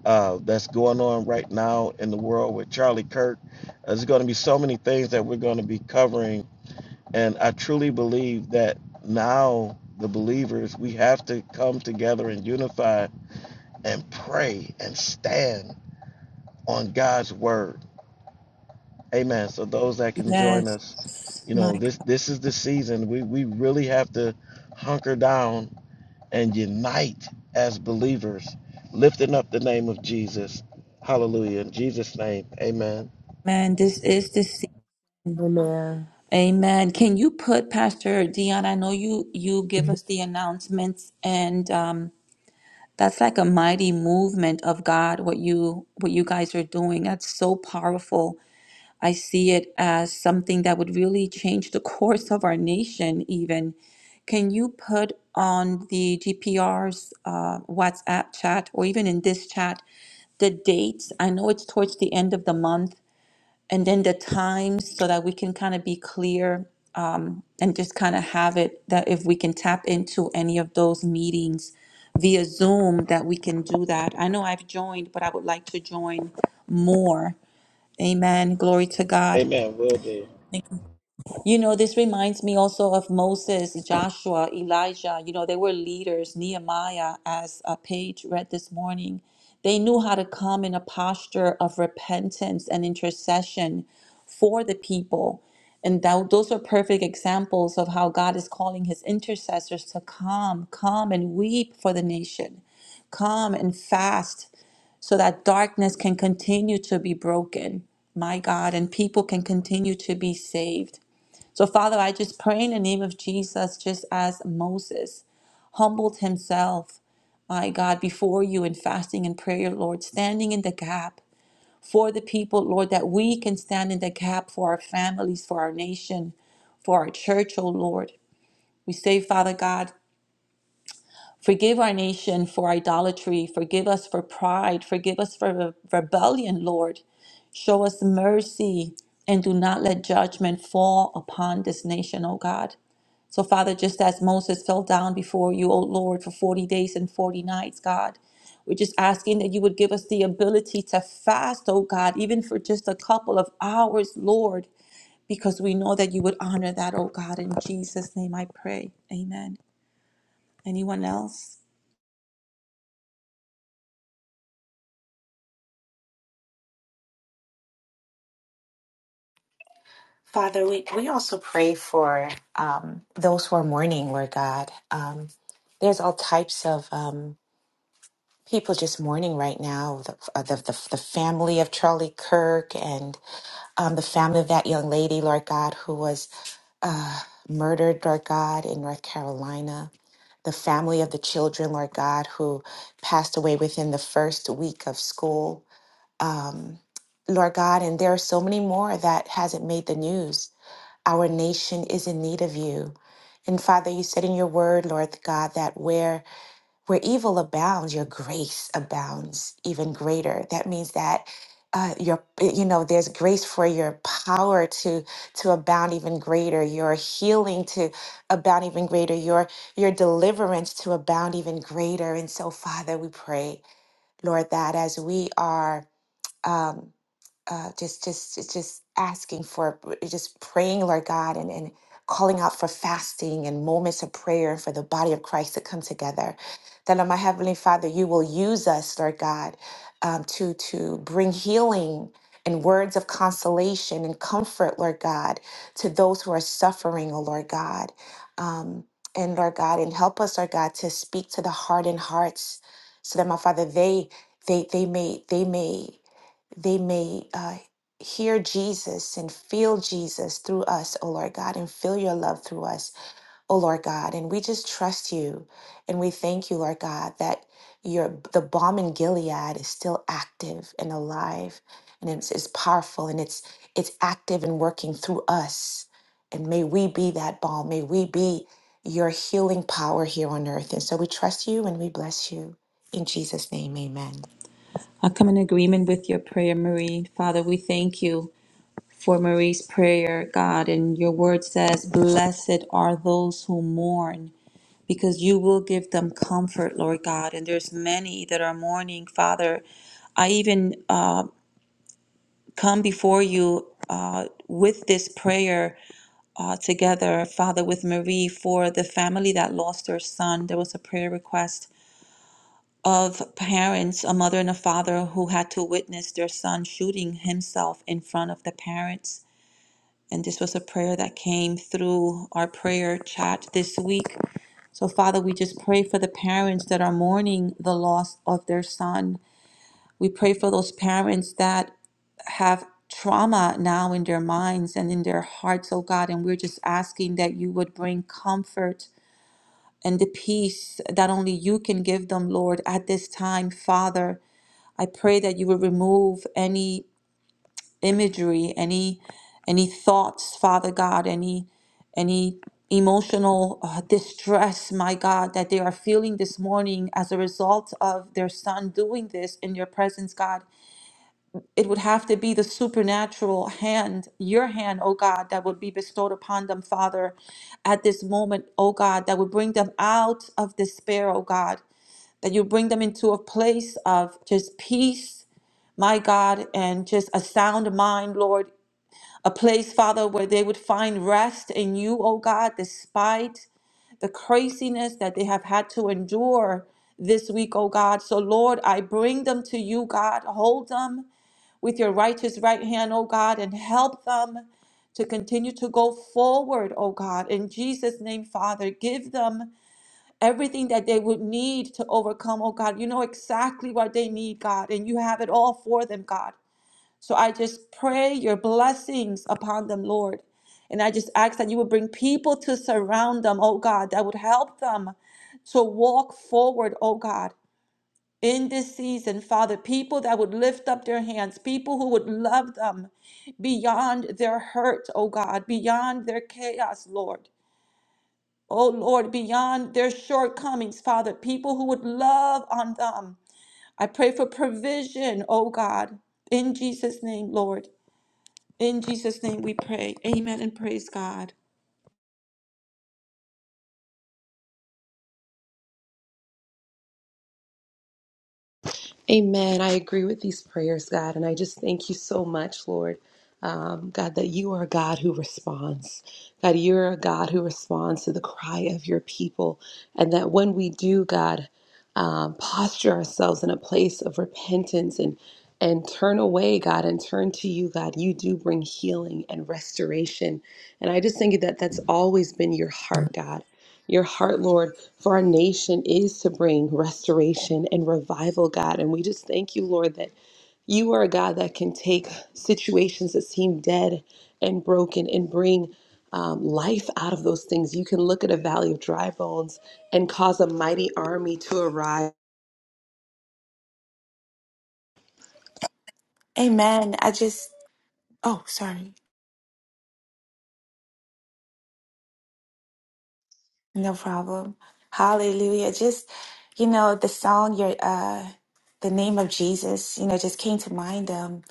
uh, that's going on right now in the world with Charlie Kirk. Uh, There's going to be so many things that we're going to be covering. And I truly believe that now, the believers, we have to come together and unify and pray and stand on God's word. Amen. So those that can join
Yes,
us, you
my
know, this
God,
this is the season. We we really have to hunker down and unite as believers, lifting up the name of Jesus. Hallelujah. In Jesus' name, amen.
man, this is the season. Amen. Can you put Pastor Dion? I know you you give us the announcements, and um, that's like a mighty movement of God. What you what you guys are doing, that's so powerful I see it as something that would really change the course of our nation, even. Can you put on the GPR's uh, WhatsApp chat or even in this chat the dates? I know it's towards the end of the month, and then the times so that we can kind of be clear um, and just kind of have it that if we can tap into any of those meetings via Zoom, that we can do that. I know I've joined, but I would like to join more. Amen. Glory to God.
Amen. Will do.
You know, this reminds me also of Moses, Joshua, Elijah. You know, they were leaders. Nehemiah, as uh, Paige read this morning, they knew how to come in a posture of repentance and intercession for the people. And that, those are perfect examples of how God is calling his intercessors to come, come and weep for the nation, come and fast so that darkness can continue to be broken, my God, and people can continue to be saved. So, Father, I just pray in the name of Jesus, just as Moses humbled himself, my God, before you in fasting and prayer, Lord, standing in the gap for the people, Lord, that we can stand in the gap for our families, for our nation, for our church, oh Lord. We say, Father God, forgive our nation for idolatry, forgive us for pride, forgive us for re- rebellion, Lord. Show us mercy and do not let judgment fall upon this nation, oh God. So, Father, just as Moses fell down before you, O Lord, for 40 days and 40 nights, God, we're just asking that you would give us the ability to fast, oh God, even for just a couple of hours, Lord, because we know that you would honor that, oh God. In Jesus' name I pray. Amen. Anyone else?
Father, we, we also pray for um, those who are mourning, Lord God. Um, there's all types of um, people just mourning right now. The, uh, the, the, the family of Charlie Kirk and um, the family of that young lady, Lord God, who was uh, murdered, Lord God, in North Carolina. The family of the children, Lord God, who passed away within the first week of school. Um, Lord God, and there are so many more that hasn't made the news. Our nation is in need of you. And Father, you said in your word, Lord God, that where where evil abounds, your grace abounds even greater. That means that uh, your eh, you know there's grace for your power to to abound even greater, your healing to abound even greater, your your deliverance to abound even greater. And so, Father, we pray, Lord, that as we are. Um, uh, just just it's just asking for just praying lord god and, and calling out for fasting and moments of prayer for the body of christ to come together that uh, my heavenly father you will use us lord god um, to to bring healing and words of consolation and comfort lord god to those who are suffering oh lord god um, and lord god and help us lord god to speak to the hardened hearts so that my father they they they may they may they may uh, hear Jesus and feel Jesus through us, O Lord God, and feel your love through us, O Lord God. And we just trust you and we thank you, Lord God, that your the bomb in Gilead is still active and alive and it's, it's powerful and it's it's active and working through us. And may we be that balm. May we be your healing power here on earth. And so we trust you and we bless you. In Jesus' name, amen.
I come in agreement with your prayer, Marie. Father, we thank you. for Marie's prayer, God. And your word says, Blessed are those who mourn, because you will give them comfort, Lord God. And there's many that are mourning, Father. I even uh, come before you uh, with this prayer uh, together, Father, with Marie for the family that lost their son. There was a prayer request of parents, a mother and a father who had to witness their son shooting himself in front of the parents. And this was a prayer that came through our prayer chat this week. So, Father, we just pray for the parents that are mourning the loss of their son. We pray for those parents that have trauma now in their minds and in their hearts, oh God. And we're just asking that you would bring comfort and the peace that only you can give them, Lord, at this time, Father. I pray that you would remove any imagery, any any thoughts, Father God, any any emotional uh, distress, my God, that they are feeling this morning as a result of their son doing this in your presence, God. It would have to be the supernatural hand, your hand, oh God, that would be bestowed upon them, Father, at this moment, oh God, that would bring them out of despair, oh God, that you bring them into a place of just peace, my God, and just a sound mind, Lord, a place, Father, where they would find rest in you, oh God, despite the craziness that they have had to endure this week, oh God. So, Lord, I bring them to you, God. Hold them with your righteous right hand, oh God, and help them to continue to go forward, oh God. In Jesus' name, Father, give them everything that they would need to overcome, oh God. You know exactly what they need, God, and you have it all for them, God. So I just pray your blessings upon them, Lord. And I just ask that you would bring people to surround them, oh God, that would help them to walk forward, oh God, in this season, Father. People that would lift up their hands, people who would love them beyond their hurt, oh God, beyond their chaos, Lord. Oh Lord, beyond their shortcomings, Father, people who would love on them. I pray for provision, oh God, in Jesus' name, Lord. In Jesus' name we pray. Amen and praise God.
Amen. I agree with these prayers, God, and I just thank you so much, Lord. Um, God, that you are a God who responds. God, you're a God who responds to the cry of your people. And that when we do, God, um, posture ourselves in a place of repentance and and turn away, God, and turn to you, God. You do bring healing and restoration. And I just think that that's always been your heart, God your heart, Lord, for our nation is to bring restoration and revival, God. And we just thank you, Lord, that you are a God that can take situations that seem dead and broken and bring um, life out of those things. You can look at a valley of dry bones and cause a mighty army to arise.
Amen. I just Oh, sorry. No problem. Hallelujah. Just, you know, the song, your, uh, the name of Jesus, you know, just came to mind, um,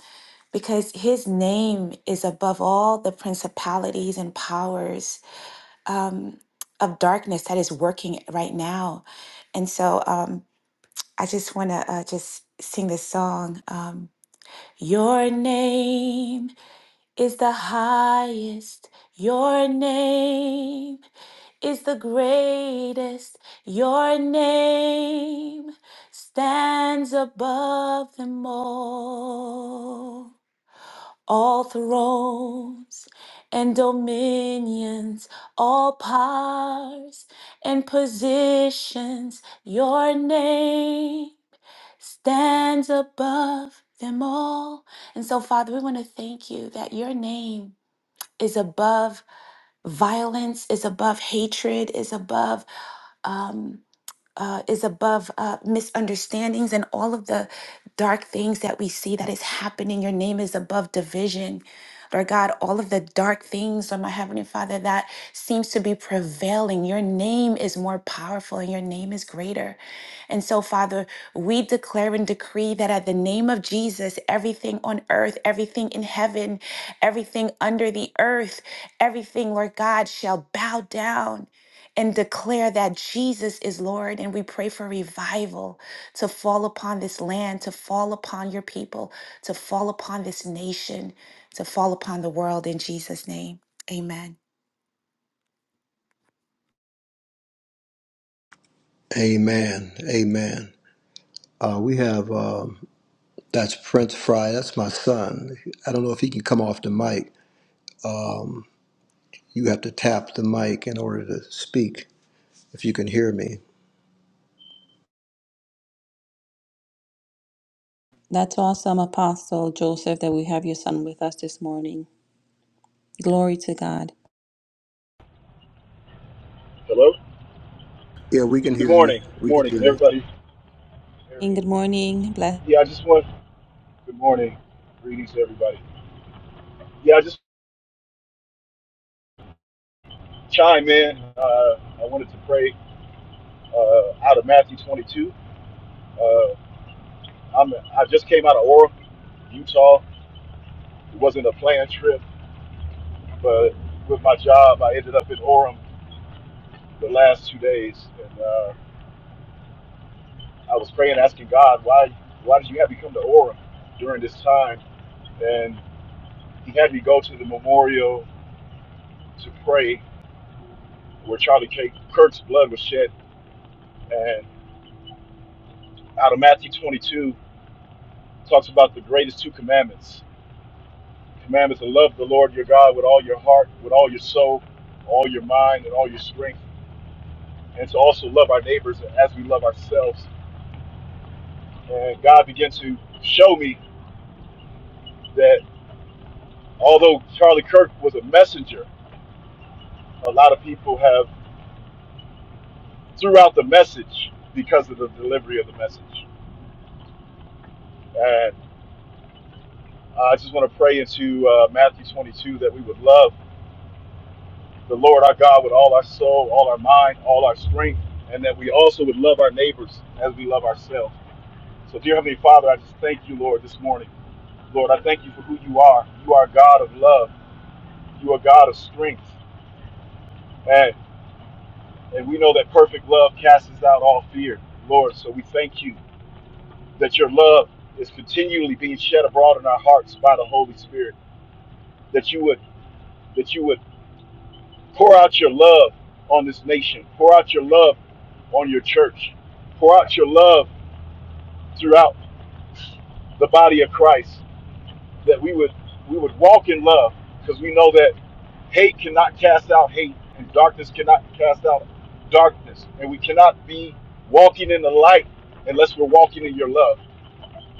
because his name is above all the principalities and powers, um, of darkness that is working right now. And so, um, I just want to, uh, just sing this song. Um, your name is the highest. Your name is the greatest. Your name stands above them all. All thrones and dominions, all powers and positions, your name stands above them all. And so, Father, we want to thank you that your name is above violence, is above hatred, is above um, uh, is above uh, misunderstandings and all of the dark things that we see that is happening. Your name is above division. Lord God, all of the dark things, Lord my Heavenly Father, that seems to be prevailing. Your name is more powerful and your name is greater. And so, Father, we declare and decree that at the name of Jesus, everything on earth, everything in heaven, everything under the earth, everything, Lord God, shall bow down and declare that Jesus is Lord. And we pray for revival to fall upon this land, to fall upon your people, to fall upon this nation, to fall upon the world in Jesus' name. Amen.
Amen. Amen. Uh, we have um, that's Prince Fry. That's my son. I don't know if he can come off the mic. Um, you have to tap the mic in order to speak. If you can hear me,
That's awesome, Apostle Joseph, that we have your son with us this morning. Glory to God.
Hello?
yeah, we can
Good
hear you.
morning. Good
We can
morning.
hear
Can
you.
everybody hear
And
me?
good morning. Bless.
Yeah, I just want good morning. Greetings to everybody. Yeah, I just chime in. Uh, I wanted to pray uh, out of Matthew 22. Uh, I'm, I just came out of Orem, Utah. It wasn't a planned trip, but with my job, I ended up in Orem the last two days. And uh, I was praying, asking God, why, why did you have me come to Orem during this time? And he had me go to the memorial to pray where Charlie K. Kirk's blood was shed. And out of Matthew 22, talks about the greatest two commandments. Commandments to love the Lord your God with all your heart, with all your soul, all your mind, and all your strength. And to also love our neighbors as we love ourselves. And God began to show me that although Charlie Kirk was a messenger, a lot of people have threw out the message because of the delivery of the message. And I just want to pray into uh, Matthew 22 that we would love the Lord our God with all our soul, all our mind, all our strength, and that we also would love our neighbors as we love ourselves. So, dear Heavenly Father, I just thank you, Lord, this morning. Lord, I thank you for who you are. You are God of love. You are God of strength. And, and we know that perfect love casts out all fear, Lord. So we thank you that your love is continually being shed abroad in our hearts by the Holy Spirit. That you would that you would Pour out your love on this nation. Pour out your love on your church. Pour out your love throughout the body of Christ that we would we would walk in love because we know that hate cannot cast out hate and darkness cannot cast out darkness and we cannot be walking in the light unless we're walking in your love.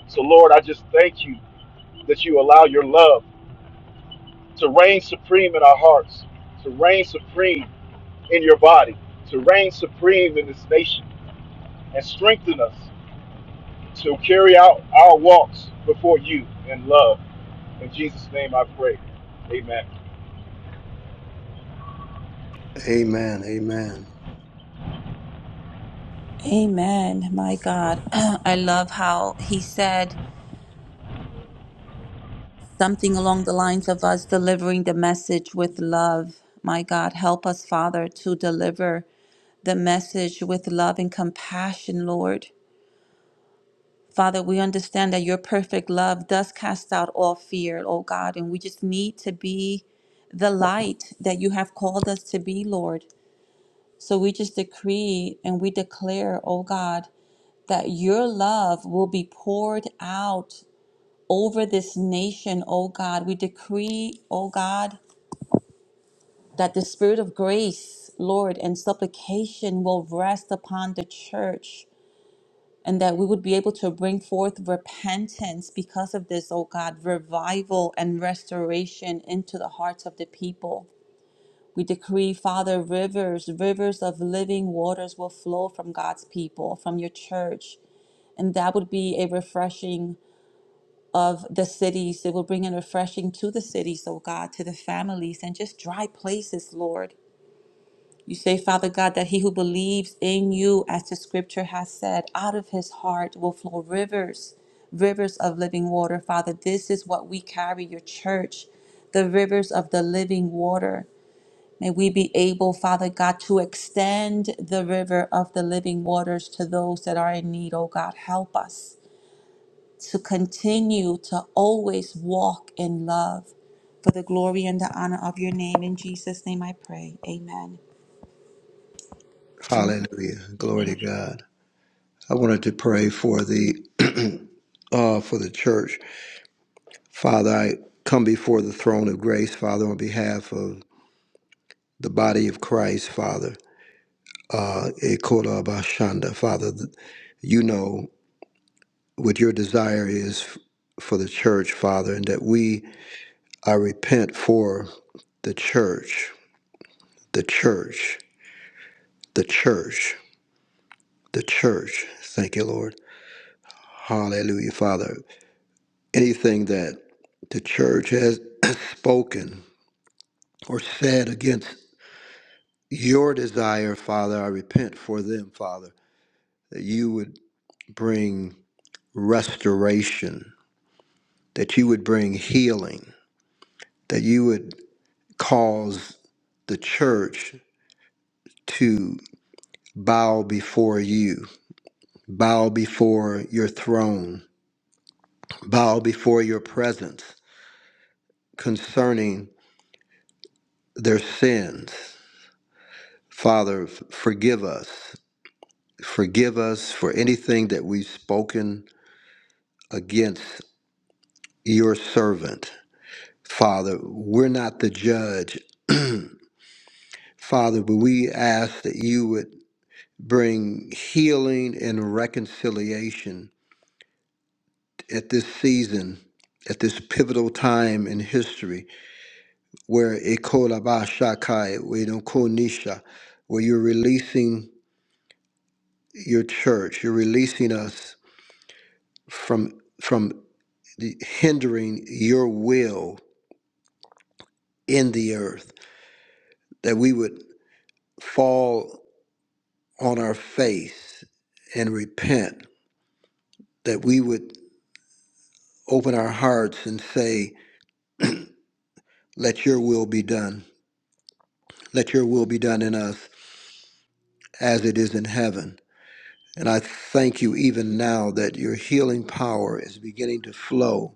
So Lord, I just thank you that you allow your love to reign supreme in our hearts, to reign supreme in your body, to reign supreme in this nation, and strengthen us to carry out our walks before you in love. In Jesus' name I pray. Amen.
Amen. Amen.
Amen. My God. I love how he said something along the lines of us delivering the message with love. My God, help us, Father, to deliver the message with love and compassion, Lord. Father, we understand that your perfect love does cast out all fear, oh God, and we just need to be the light that you have called us to be, Lord. So we just decree and we declare, oh God, that your love will be poured out over this nation, O God. We decree, O God, that the spirit of grace, Lord, and supplication will rest upon the church. and that we would be able to bring forth repentance because of this, oh God, revival and restoration into the hearts of the people. We decree, Father, rivers, rivers of living waters will flow from God's people, from your church. And that would be a refreshing of the cities. It will bring a refreshing to the cities, oh God, to the families and just dry places, Lord. You say, Father God, that he who believes in you, as the scripture has said, out of his heart will flow rivers, rivers of living water. Father, this is what we carry, your church, the rivers of the living water. May we be able, Father God, to extend the river of the living waters to those that are in need. Oh God, help us to continue to always walk in love for the glory and the honor of your name. In Jesus' name I pray. Amen. Amen.
Hallelujah. Glory to God. I wanted to pray for the uh, for the church, Father. I come before the throne of grace, Father, on behalf of the body of Christ, Father. uh, Ekola Bashanda. Father, th- you know what your desire is f- for the church, Father, and that we, I repent for the church, the church, the church, the church. Thank you, Lord. Hallelujah, Father. Anything that the church has spoken or said against your desire, Father, I repent for them, Father, that you would bring restoration that you would bring healing, that you would cause the church to bow before you, bow before your throne, bow before your presence concerning their sins. Father, f- forgive us. Forgive us for anything that we've spoken against your servant. Father, we're not the judge. Father, but we ask that you would bring healing and reconciliation at this season, at this pivotal time in history, where Ekolabashakai, Konisha, where you're releasing your church, you're releasing us from from the, hindering your will in the earth, that we would fall on our face and repent, that we would open our hearts and say, Let your will be done Let your will be done in us as it is in heaven. And I thank you even now that your healing power is beginning to flow,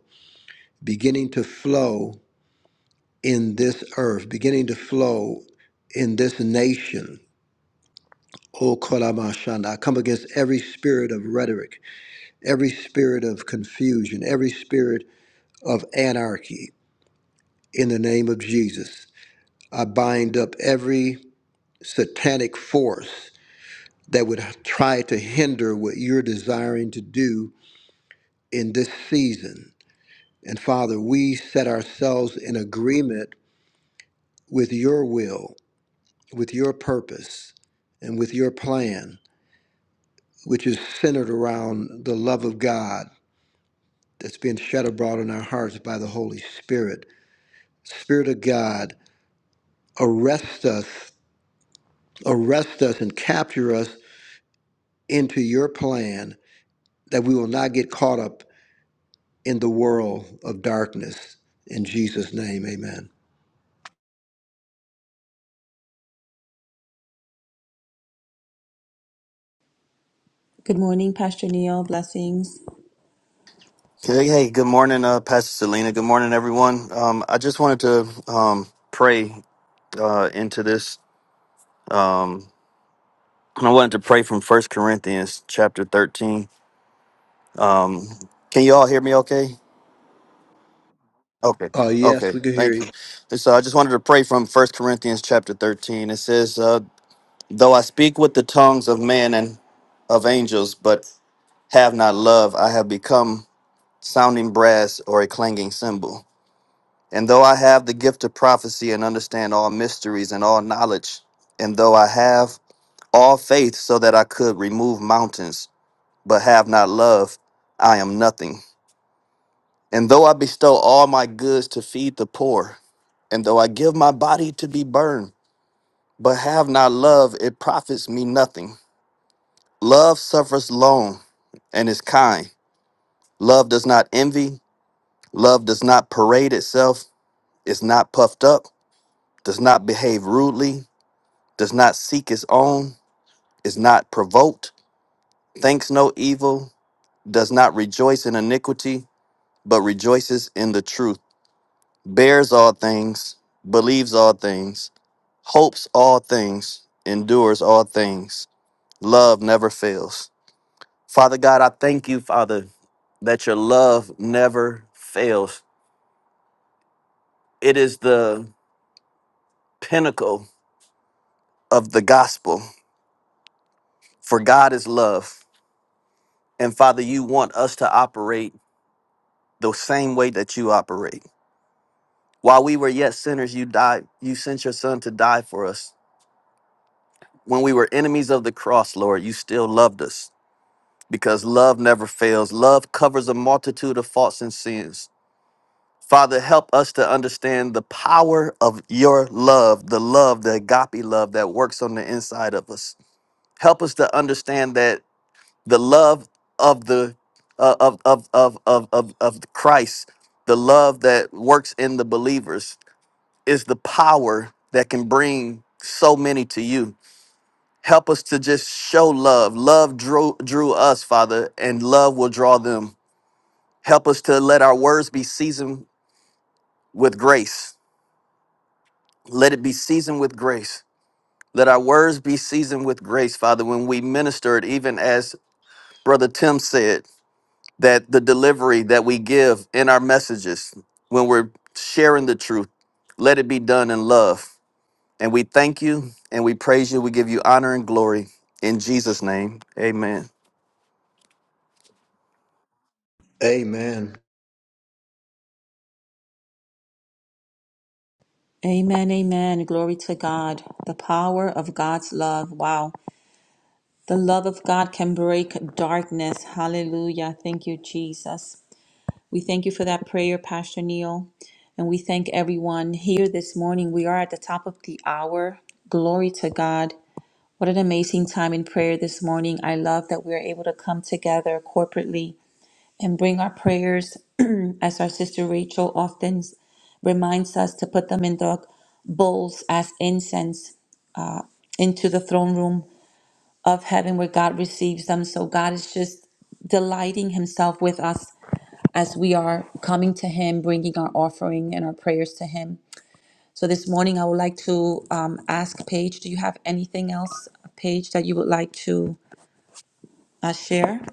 beginning to flow in this earth, beginning to flow in this nation. O Kolamashanda, I come against every spirit of rhetoric, every spirit of confusion, every spirit of anarchy in the name of Jesus. I bind up every satanic force that would try to hinder what you're desiring to do in this season. And Father, we set ourselves in agreement with your will, with your purpose, and with your plan, which is centered around the love of God that's being shed abroad in our hearts by the Holy Spirit. Spirit of God, arrest us, arrest us, and capture us into your plan that we will not get caught up in the world of darkness. In Jesus' name, amen.
Good morning, Pastor Neil. Blessings.
Hey, hey, good morning, uh, Pastor Selena. Good morning, everyone. Um, I just wanted to um, pray uh, into this. Um, I wanted to pray from First Corinthians chapter 13. Um, can you all hear me okay? Okay.
Uh, yes,
Okay.
we can hear
Thank
you.
you. And So I just wanted to pray from First Corinthians chapter 13. It says, uh, Though I speak with the tongues of men and of angels, but have not love, I have become sounding brass or a clanging cymbal. And though I have the gift of prophecy and understand all mysteries and all knowledge, and though I have all faith so that I could remove mountains, but have not love, I am nothing. And though I bestow all my goods to feed the poor, and though I give my body to be burned, but have not love, it profits me nothing. Love suffers long and is kind. Love does not envy. Love does not parade itself, is not puffed up, does not behave rudely does not seek his own, is not provoked, thinks no evil, does not rejoice in iniquity, but rejoices in the truth, bears all things, believes all things, hopes all things, endures all things. Love never fails. Father God, I thank you, Father, that your love never fails. It is the pinnacle of the gospel, for God is love. And Father, you want us to operate the same way that you operate. While we were yet sinners, you died. You sent your son to die for us. When we were enemies of the cross, Lord, you still loved us because love never fails. Love covers a multitude of faults and sins. Father, help us to understand the power of your love, the love, the agape love that works on the inside of us. Help us to understand that the love of the uh, of, of, of, of, of, of Christ, the love that works in the believers, is the power that can bring so many to you. Help us to just show love. Love drew, drew us, Father, and love will draw them. Help us to let our words be seasoned with grace. Let it be seasoned with grace. Let our words be seasoned with grace, Father, when we minister it, even as Brother Tim said, that the delivery that we give in our messages, when we're sharing the truth, let it be done in love And we thank you and we praise you. We give you honor and glory in Jesus' name. Amen.
Amen.
Amen. Amen. Glory to God. The power of God's love. Wow. The love of God can break darkness. Hallelujah. Thank you, Jesus. We thank you for that prayer, Pastor Neil. And we thank everyone here this morning. We are at the top of the hour. Glory to God. What an amazing time in prayer this morning. I love that we are able to come together corporately and bring our prayers, as our sister Rachel often s- reminds us, to put them in the bowls as incense into the throne room of heaven where God receives them. So God is just delighting Himself with us as we are coming to Him, bringing our offering and our prayers to Him. So this morning, I would like to um, ask Paige, do you have anything else, Paige, that you would like to uh, share,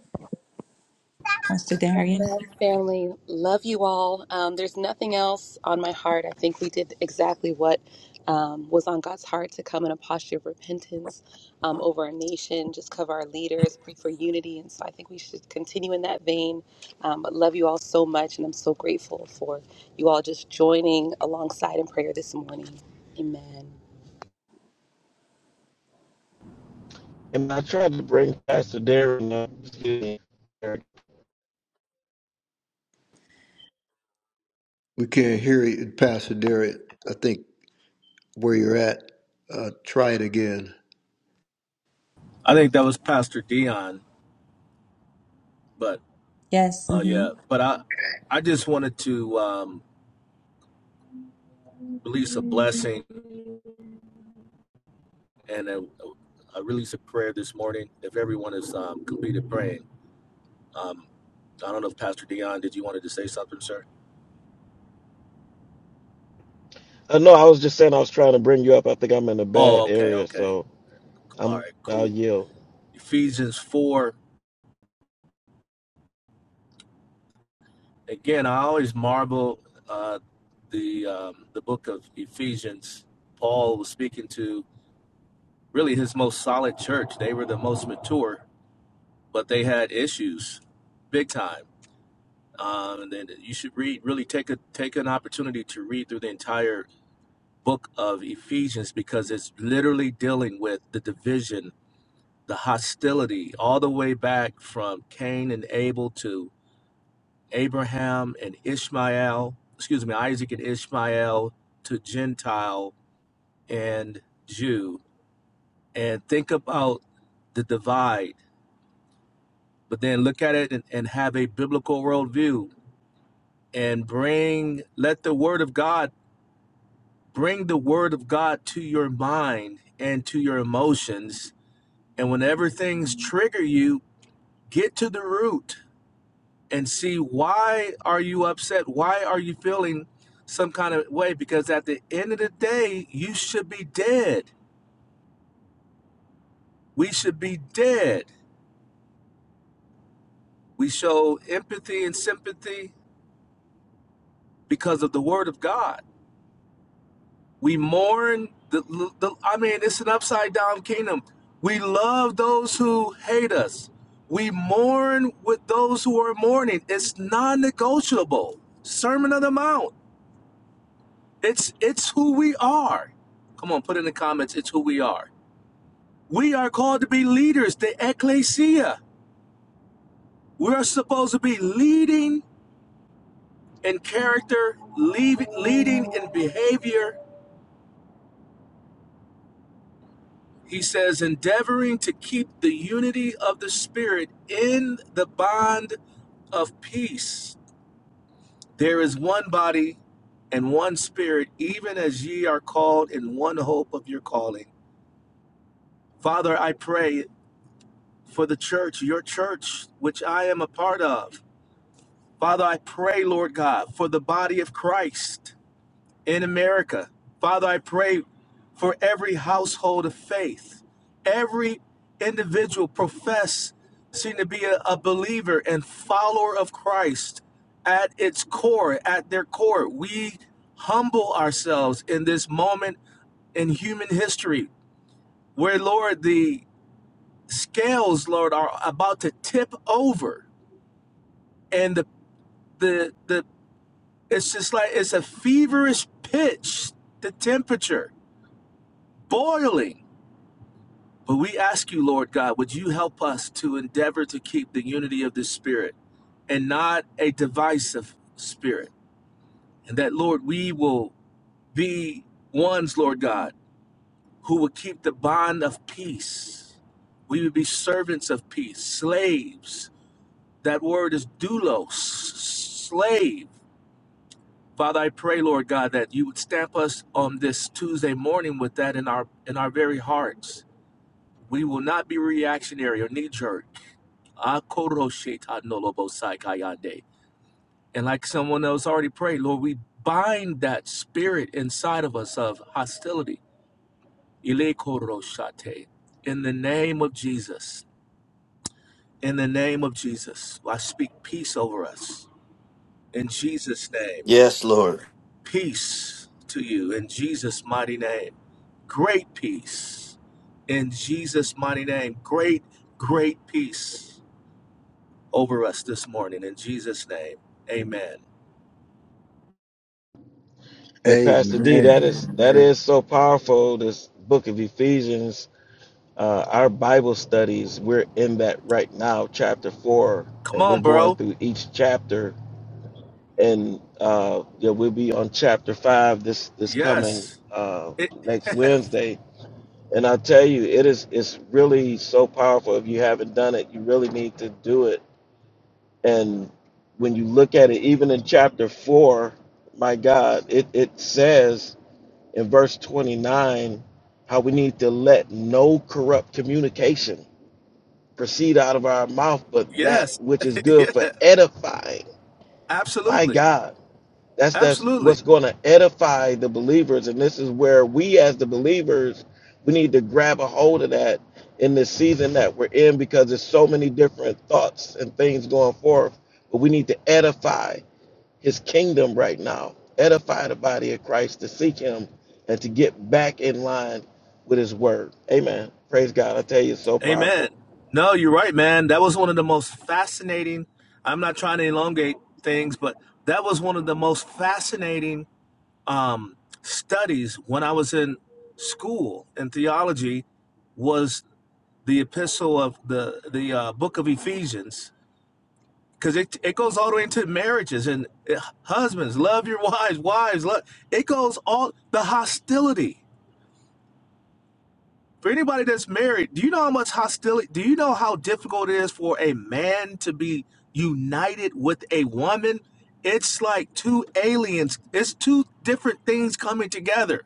Pastor Darian?
Family, love you all. Um, there's nothing else on my heart. I think we did exactly what um, was on God's heart to come in a posture of repentance um, over our nation, just cover our leaders, pray for unity. And so I think we should continue in that vein. Um, but love you all so much. And I'm so grateful for you all just joining alongside in prayer this morning. Amen.
And I tried to bring Pastor Darren up.
We can hear you, Pastor Derek. I think where you're at, uh, try it again.
I think that was Pastor Dion, but
Yes.
uh,
mm-hmm.
yeah, but I I just wanted to um, release a blessing and a, a release of prayer this morning. If everyone is um, completed praying, um, I don't know if Pastor Dion did you wanted to say something, sir?
Uh, no, I was just saying I was trying to bring you up. I think I'm in a
Oh,
bad
okay,
area,
okay,
so
all
I'm
right,
I'll
cool.
yield.
Ephesians four again. I always marvel uh, the um, the book of Ephesians. Paul was speaking to really his most solid church. They were the most mature but they had issues, big time. Um, and then you should read, really take a take an opportunity to read through the entire book of Ephesians because it's literally dealing with the division, the hostility, all the way back from Cain and Abel to Abraham and Ishmael. Excuse me, Isaac and Ishmael to Gentile and Jew, and think about the divide. But then look at it and, and have a biblical worldview and bring let the word of god bring the word of god to your mind and to your emotions and whenever things trigger you get to the root and see why are you upset why are you feeling some kind of way because at the end of the day you should be dead we should be dead we show empathy and sympathy because of the word of god We mourn the, the I mean, it's an upside down kingdom. We love those who hate us. We mourn with those who are mourning. It's non-negotiable. Sermon on the Mount. It's it's who we are. Come on, put in the comments, it's who we are. We are called to be leaders, the ecclesia. We are supposed to be leading in character, leave, leading in behavior, He says, endeavoring to keep the unity of the Spirit in the bond of peace. There is one body and one Spirit, even as ye are called in one hope of your calling. Father, I pray for the church, your church, which I am a part of. Father, I pray, Lord God, for the body of Christ. in America. Father, I pray for every household of faith, every individual profess seem to be a, a believer and follower of Christ at its core, at their core. We humble ourselves in this moment in human history where, Lord, the scales, Lord, are about to tip over. And the the the it's just like it's a feverish pitch, the temperature, boiling But we ask you, Lord God, would you help us to endeavor to keep the unity of the Spirit and not a divisive spirit? And that, Lord, we will be ones, Lord God, who will keep the bond of peace. We would be servants of peace, slaves. That word is doulos, slave. Father, I pray, Lord God, that you would stamp us on this Tuesday morning with that in our in our very hearts We will not be reactionary or knee jerk. And like someone else already prayed, Lord, we bind that spirit inside of us of hostility. In the name of Jesus. In the name of Jesus. I speak peace over us. In Jesus' name.
Yes, Lord.
Peace to you. In Jesus' mighty name. Great peace. In Jesus' mighty name. Great, great peace. over us this morning in Jesus' name. Amen.
Hey, Pastor D,
Amen.
that is that
Amen.
is so powerful. This book of Ephesians, uh, our Bible studies, we're in that right now, chapter four,
Come
and we're
on,
going
bro.
through each chapter and uh, yeah, we'll be on chapter five this this coming
Yes.
uh,
It,
next Wednesday. And I tell you, it is it's really so powerful. If you haven't done it, you really need to do it. And when you look at it, even in chapter four, my God, it it says in verse twenty nine how we need to let no corrupt communication proceed out of our mouth, but that
yes.
which is good for
yeah.
edifying. My
Absolutely.
God That's that's
Absolutely.
what's going to edify the believers, and this is where we as the believers we need to grab a hold of that in this season that we're in because there's so many different thoughts and things going forth. But we need to edify His kingdom right now, edify the body of Christ to seek Him and to get back in line with His Word. Amen. Praise God. I tell you, it's so
Amen.
powerful.
No, you're right, man. That was one of the most fascinating. I'm not trying to elongate things, but that was one of the most fascinating um, studies when I was in school in theology was the epistle of the the uh, book of Ephesians because it, it goes all the way into marriages and uh, husbands love your wives wives love it goes all the hostility for anybody that's married do you know how much hostility do you know how difficult it is for a man to be united with a woman it's like two aliens it's two different things coming together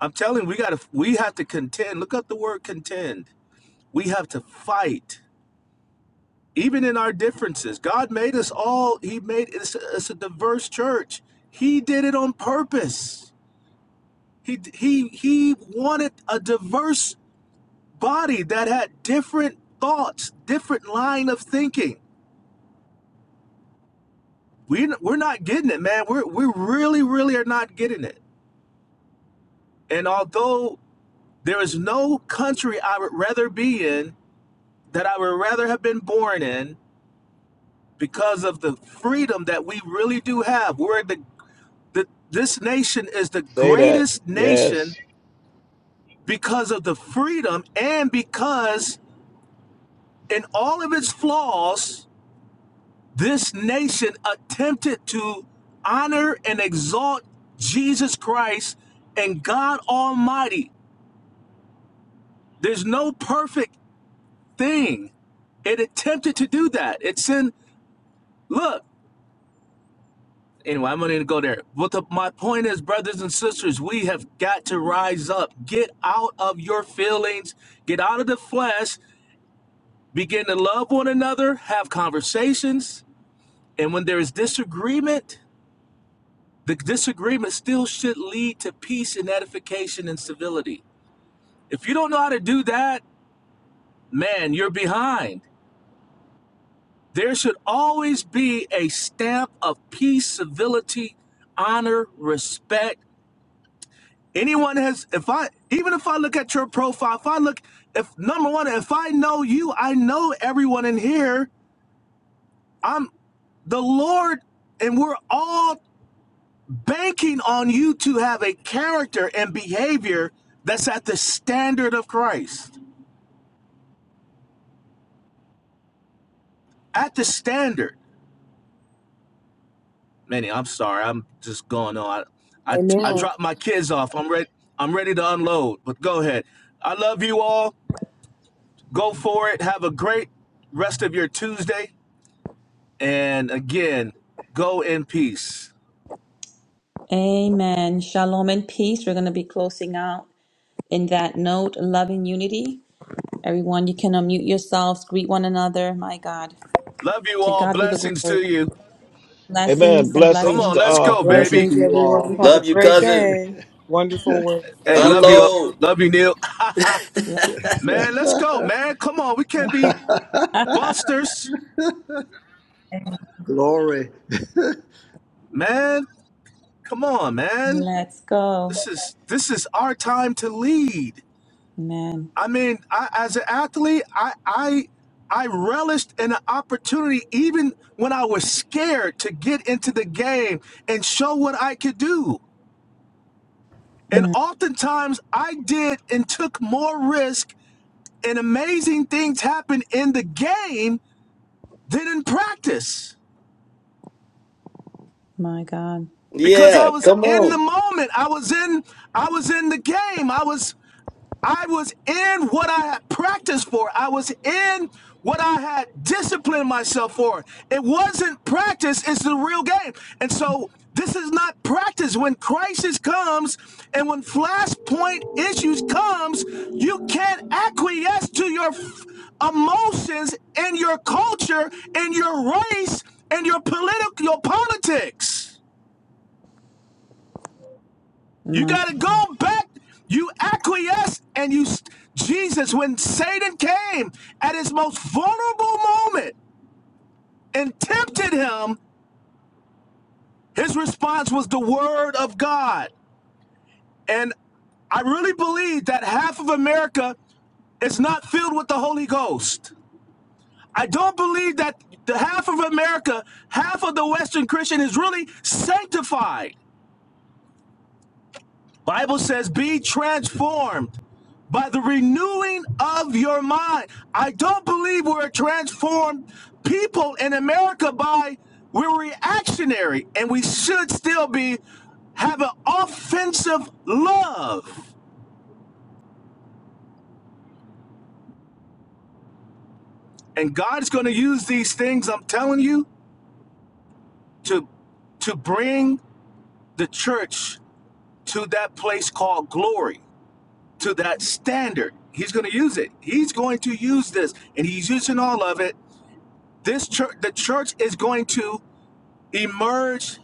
i'm telling you, we gotta we have to contend look up the word contend we have to fight even in our differences. God made us all. He made it's, a diverse church. He did it on purpose. He he he wanted a diverse body that had different thoughts, different line of thinking. We we're not getting it, man. We're we really really are not getting it. And although there is no country I would rather be in that I would rather have been born in because of the freedom that we really do have. We're the that this nation is the
Say that.
greatest nation
Yes.
because of the freedom and because in all of its flaws this nation attempted to honor and exalt Jesus Christ and God Almighty there's no perfect thing it attempted to do that it's in look Anyway, I'm going to go there. But the, my point is, brothers and sisters, we have got to rise up. Get out of your feelings, get out of the flesh, begin to love one another, have conversations. And when there is disagreement, the disagreement still should lead to peace and edification and civility. If you don't know how to do that, man, you're behind. There should always be a stamp of peace, civility, honor, respect Anyone has, if I, even if I look at your profile, if I look, if number one, if I know you, I know everyone in here. I'm the Lord, and we're all banking on you to have a character and behavior that's at the standard of Christ. At the standard. Manny, I'm sorry. I'm just going on. I, I, I
Amen.
dropped my kids off. I'm ready. I'm ready to unload, but go ahead. I love you all. Go for it. Have a great rest of your Tuesday. And again, go in peace.
Amen. Shalom and peace. We're going to be closing out in that note, loving unity. Everyone, you can unmute yourselves, greet one another. My God,
Love you
to
all.
God be the
Blessings to
glory.
you.
Amen.
Blessings and
Come
Blessings
blessings.
on,
to
let's
all.
go,
Blessings
baby.
Blessings,
to you all.
everyone. Have a
Love you,
great
cousin.
day. Wonderful word.
Hey,
Be
love
blessed.
you.
Exhortation.
Unload.
Love you, Neil. man, let's go, man. Come on. We can't be busters.
Glory.
Man, come on, man.
Let's go.
This is this is our time to lead.
Amen.
I mean, I, as an athlete, I I I relished in an opportunity even when I was scared to get into the game and show what I could do. And
Mm,
oftentimes I did and took more risk, and amazing things happened in the game than in practice
my God.
because I was in the moment. I was in I was in the game. I was I was in what I had practiced for. I was in what I had disciplined myself for. It wasn't practice, it's the real game. And so this is not practice. When crisis comes and when flashpoint issues comes, you can't acquiesce to your emotions and your culture and your race and your political your politics. You
My
got to go back. You acquiesce and you, Jesus, when Satan came at his most vulnerable moment and tempted him, his response was the word of God. And I really believe that half of America is not filled with the Holy Ghost. I don't believe that the half of America, half of the Western Christian is really sanctified. Bible says, be transformed by the renewing of your mind. I don't believe we're transformed people in America by we're reactionary and we should still be have an offensive love. And God's going to use these things, I'm telling you, to to bring the church to that place called glory, to that standard. He's going to use it. He's going to use this and he's using all of it This church, the church is going to emerge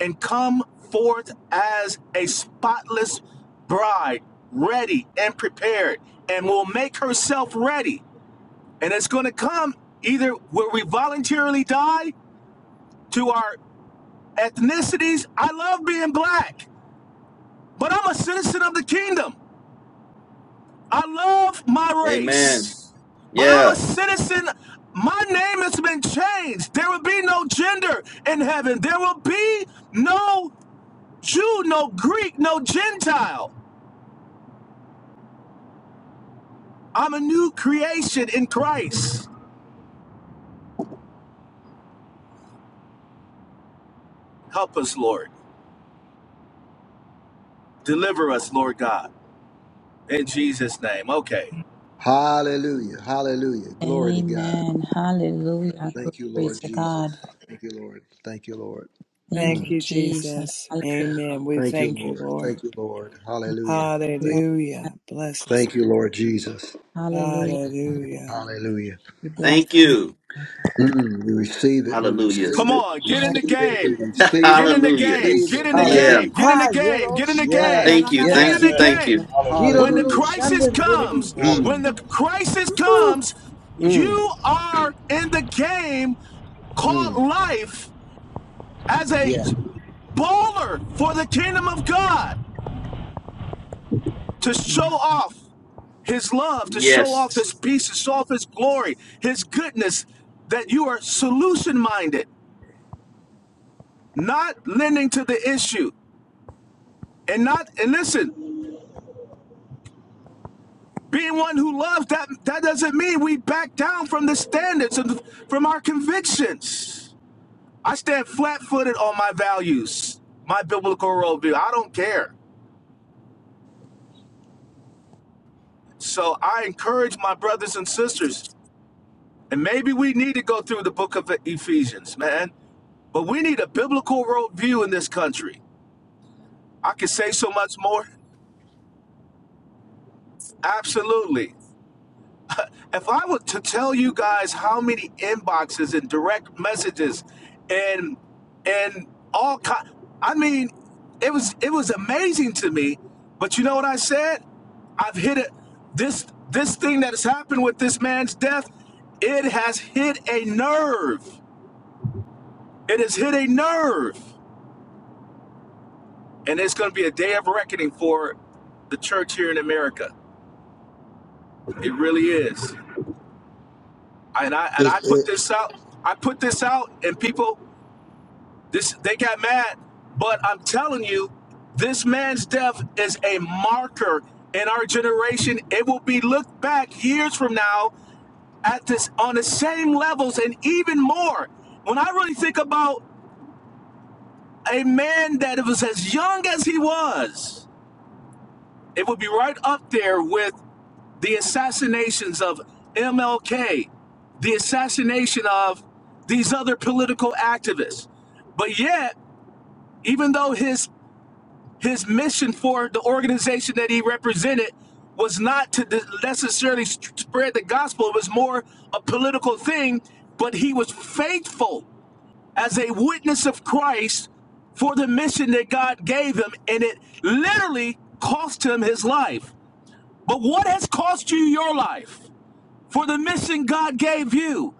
and come forth as a spotless bride, ready and prepared, and will make herself ready. And it's going to come either where we voluntarily die to our ethnicities. I love being black, but I'm a citizen of the kingdom. I love my
Amen.
race, but I'm a
Yeah.
citizen. My name has been changed. There will be no gender in heaven. There will be no Jew, no Greek, no Gentile. I'm a new creation in Christ. Help us, Lord. Deliver us, Lord God. In Jesus' name. Okay.
Hallelujah. Hallelujah. Glory to God.
Amen. Hallelujah.
Thank you,
Glory
Lord
to
Jesus.
God.
Thank you, Lord. Thank you, Lord.
Thank
Thank
Mm.
you,
you,
Jesus.
Jesus.
Hallelujah.
Amen. We
Thank you,
thank you,
Lord.
Lord.
Thank you, Lord. Hallelujah. Thank
Lord.
you.
Hallelujah. Blessings.
Thank you, Lord Jesus. Thank
Hallelujah.
you.
Hallelujah.
Hallelujah.
We bless
Thank
you,
you.
Mm, we receive it. We
Hallelujah.
receive
Come
it.
on,
We
get in the
receive it.
game.
We receive
Get
it.
in the
We
Hallelujah.
game.
receive
Get
it.
in the
Yeah.
game.
Hallelujah.
Get in the
Ha,
game.
yero,
Get in the
shabba, da,
game.
da,
Yes.
Thank
da,
you.
da, da.
Get in
Thank
the
you.
Yes.
Amen.
Thank
game.
you.
God.
Hallelujah.
When the
Kirororo
Hallelujah.
crisis
shanderororo
Thank you,
comes,
Lord.
sha.
when
Mm,
the crisis comes,
mm,
you are in the game called
mm.
life as a
Yeah.
baller for the kingdom of God to show off his love, to show off his
Yes.
peace, to show off his glory, his goodness, that you are solution minded, not lending to the issue. and not and listen being one who loves that that doesn't mean we back down from the standards and from our convictions i stand flat-footed on my values my biblical worldview i don't care so i encourage my brothers and sisters and maybe we need to go through the book of ephesians man but we need a biblical worldview in this country i could say so much more absolutely if I were to tell you guys how many inboxes and direct messages and and all kind, I mean, it was it was amazing to me. But you know what I said? I've hit it. This this thing that has happened with this man's death, it has hit a nerve. It has hit a nerve, and it's going to be a day of reckoning for the church here in America. It really is. And I and I
It's
put
it.
this out. I put this out, and people. This they got mad, but I'm telling you, this man's death is a marker in our generation. It will be looked back years from now at this on the same levels and even more. When I really think about a man that was as young as he was, it would be right up there with the assassinations of MLK, the assassination of these other political activists. But yet, even though his His mission for the organization that he represented was not to necessarily spread the gospel, it was more a political thing, but he was faithful as a witness of Christ for the mission that God gave him, and it literally cost him his life. But what has cost you your life for the mission God gave you?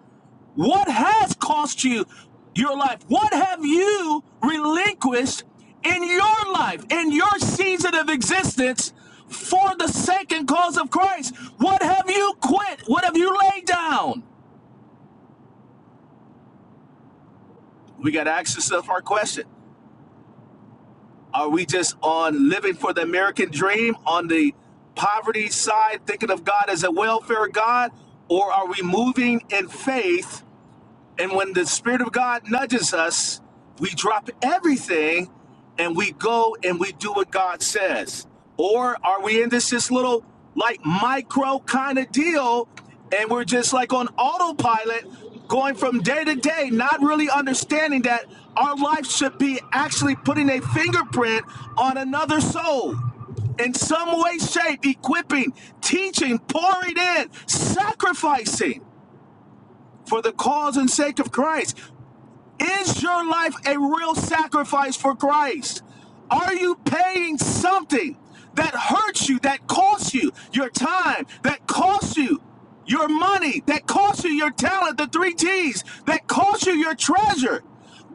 What has cost you your life? What have you relinquished in your life, in your season of existence for the sake and cause of Christ? What have you quit? What have you laid down? We got to ask ourselves our question Are we just on living for the American dream on the poverty side, thinking of God as a welfare God? Or are we moving in faith? And when the Spirit of God nudges us, we drop everything and we go and we do what God says. Or are we in this this little like micro kind of deal and we're just like on autopilot going from day to day, not really understanding that our life should be actually putting a fingerprint on another soul in some way, shape, equipping, teaching, pouring in, sacrificing for the cause and sake of Christ. Is your life a real sacrifice for Christ? Are you paying something that hurts you, that costs you your time, that costs you your money, that costs you your talent, the three T's, that costs you your treasure?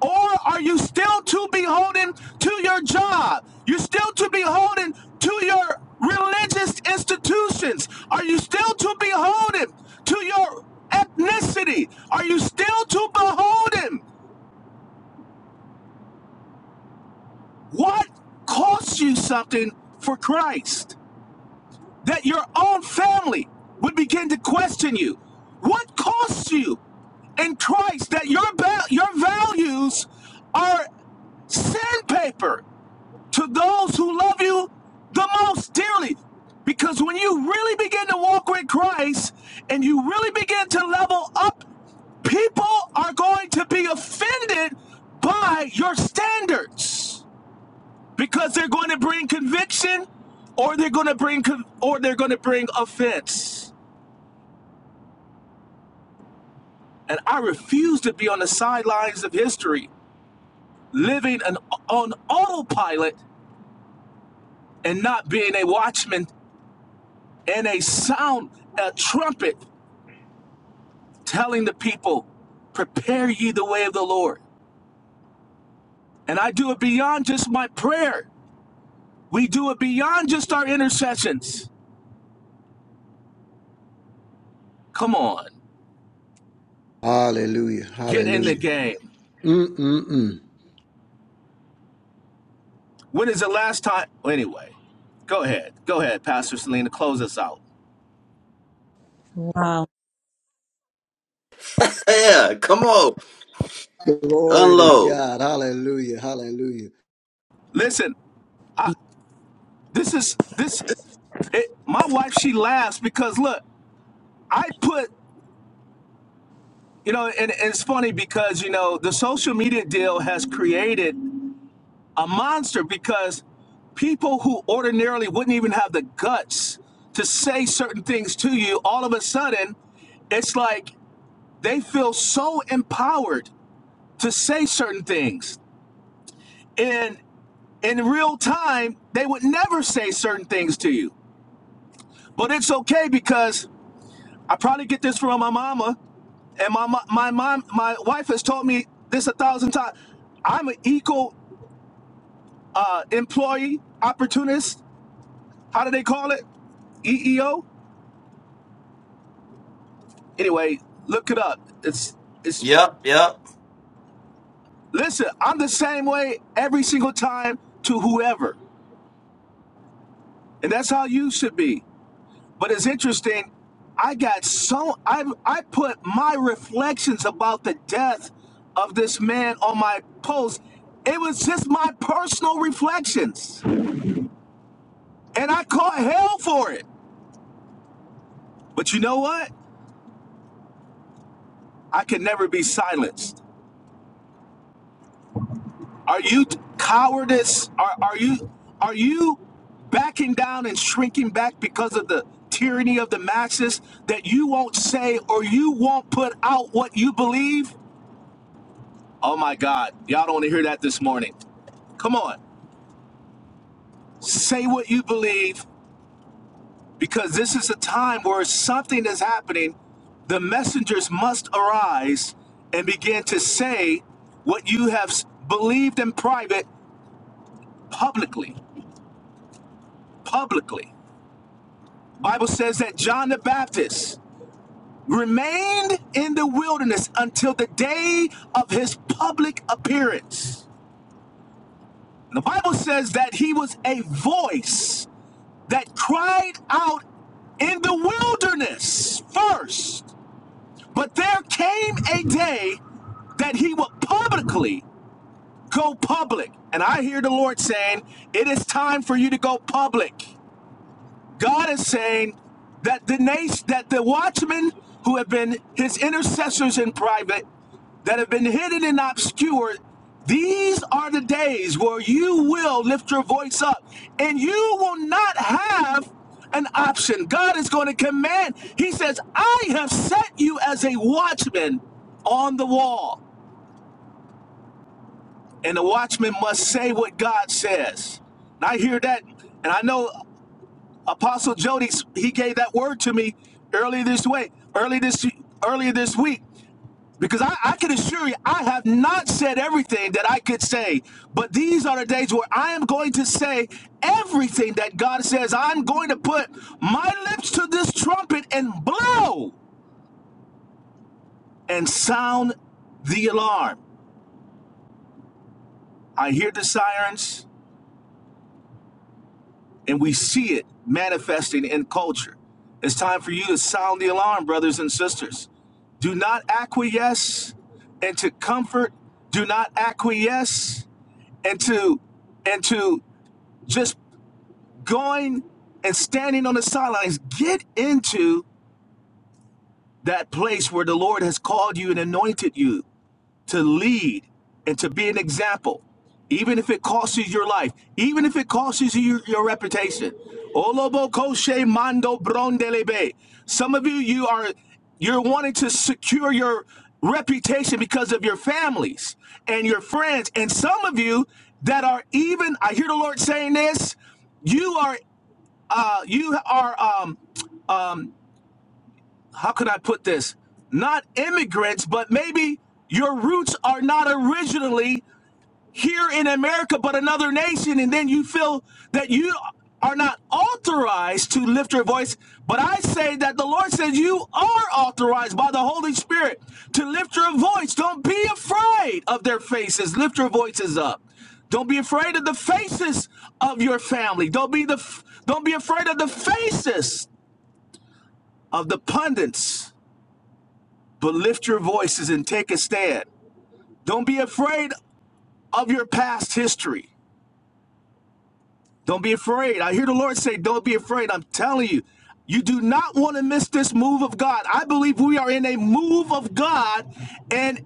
Or are you still too beholden to your job? You're still too beholden to your religious institutions? Are you still too beholden to your ethnicity? Are you still too beholden What costs you something for Christ? That your own family would begin to question you. What costs you in Christ that your ba- your values are sandpaper to those who love you the most dearly? Because when you really begin to walk with Christ and you really begin to level up, people are going to be offended by your standards because they're going to bring conviction or they're going to bring or they're going to bring offense and i refuse to be on the sidelines of history living an, on autopilot and not being a watchman and a sound a trumpet telling the people prepare ye the way of the lord and i do it beyond just my prayer we do it beyond just our intercessions come on
Hallelujah.
get in the
Hallelujah.
game
Mm, mm, mm.
When is the last time? well, Anyway, go ahead, go ahead, Pastor Selena, close us out.
Wow.
Yeah. Come on.
Glory to
Unload.
God. Hallelujah. Hallelujah.
Listen, I, this is this. It, my wife, she laughs because look, I put, you know, and, and it's funny because you know the social media deal has created a monster because people who ordinarily wouldn't even have the guts to say certain things to you, all of a sudden, it's like they feel so empowered to say certain things. And in real time, they would never say certain things to you. But it's okay because I probably get this from my mama, and my my mom, my wife has told me this a thousand times. I'm an equal uh, employee opportunist. How do they call it? EEO. Anyway, look it up. It's it's.
Yep. Yep.
Listen, I'm the same way every single time to whoever, and that's how you should be. But it's interesting. I got so I I put my reflections about the death of this man on my post. It was just my personal reflections, and I caught hell for it. But you know what? I can never be silenced. Are you cowardice? Are are you are you backing down and shrinking back because of the tyranny of the masses that you won't say or you won't put out what you believe? Oh my God, y'all don't want to hear that this morning. Come on, say what you believe because this is a time where something is happening. The messengers must arise and begin to say what you have s- believed in private publicly. Publicly. Bible says that John the Baptist remained in the wilderness until the day of his public appearance. The Bible says that he was a voice that cried out in the wilderness first. But there came a day that he would publicly go public. And I hear the Lord saying, It is time for you to go public. God is saying that the nation, that the watchmen who have been his intercessors in private, that have been hidden and obscured, these are the days where you will lift your voice up and you will not have an option. God is going to command. He says, I have set you as a watchman on the wall, and the watchman must say what God says. And I hear that, and I know. Apostle Jody, he gave that word to me earlier this way, early this earlier this week, because I, I can assure you, I have not said everything that I could say. But these are the days where I am going to say everything that God says. I'm going to put my lips to this trumpet and blow and sound the alarm. I hear the sirens. and we see it manifesting in culture. It's time for you to sound the alarm, brothers and sisters. Do not acquiesce into comfort. Do not acquiesce into into just going and standing on the sidelines. Get into that place where the Lord has called you and anointed you to lead and to be an example, even if it costs you your life, even if it costs you your, your reputation. Some of you, you are you're wanting to secure your reputation because of your families and your friends, and some of you that are even. I hear the Lord saying this. You are uh, you are um, how could I put this? Not immigrants, but maybe your roots are not originally here in America, but another nation, and then you feel that you are not authorized to lift your voice. But I say that the Lord says you are authorized by the Holy Spirit to lift your voice. Don't be afraid of their faces. Lift your voices up. Don't be afraid of the faces of your family. Don't be the don't be afraid of the faces of the pundits, but lift your voices and take a stand. Don't be afraid of your past history. Don't be afraid. I hear the Lord say, Don't be afraid. I'm telling you, you do not want to miss this move of God. I believe we are in a move of God, and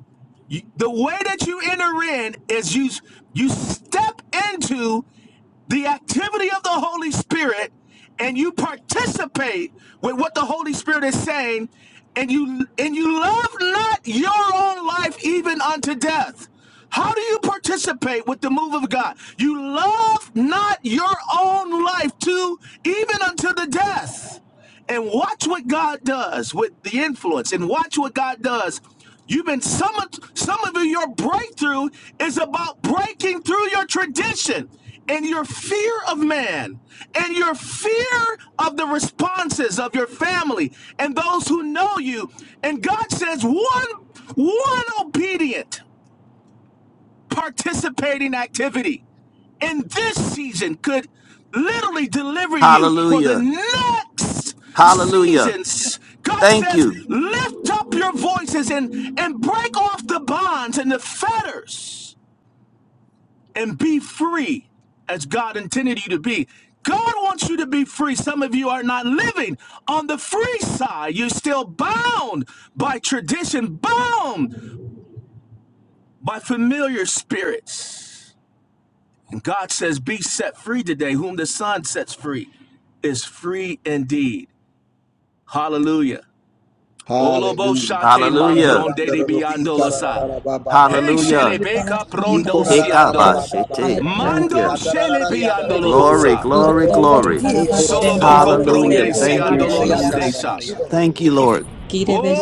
the way that you enter in is you you step into the activity of the Holy Spirit and you participate with what the Holy Spirit is saying and you and you love not your own life even unto death. How do you participate with the move of God? You love not your own life to even unto the death and watch what God does with the influence and watch what God does. You've been some of some of you, your breakthrough is about breaking through your tradition and your fear of man and your fear of the responses of your family and those who know you. And God says one one obedient participating activity in this season could literally deliver you for the
Hallelujah.
next
Hallelujah.
seasons. God
Thank
says,
you.
lift up your voices and, and break off the bonds and the fetters and be free as God intended you to be. God wants you to be free. Some of you are not living on the free side. You're still bound by tradition, bound by familiar spirits. And God says, Be set free today. Whom the Son sets free is free indeed. Hallelujah. Olobo
Hallelujah.
shake
Hallelujah.
mambronde de biandola Hey,
Hallelujah.
Hallelujah.
shelebeka
Lord.
prondo
Hallelujah.
siando.
Hekabashete.
Lord.
Thank
Mando
you.
Thank you,
Glory,
Lord.
shelebiandolobosa.
glory,
Tarerere
glory.
ki.
Soloboko
Hallelujah.
pronde
Thank
Kirorororororo
Thank
you,
siandolo
Hallelujah.
you,
donde
shabakata.
Jesus. Thank
Hallelujah.
you,
Lord.
Kirororororo.
Lord.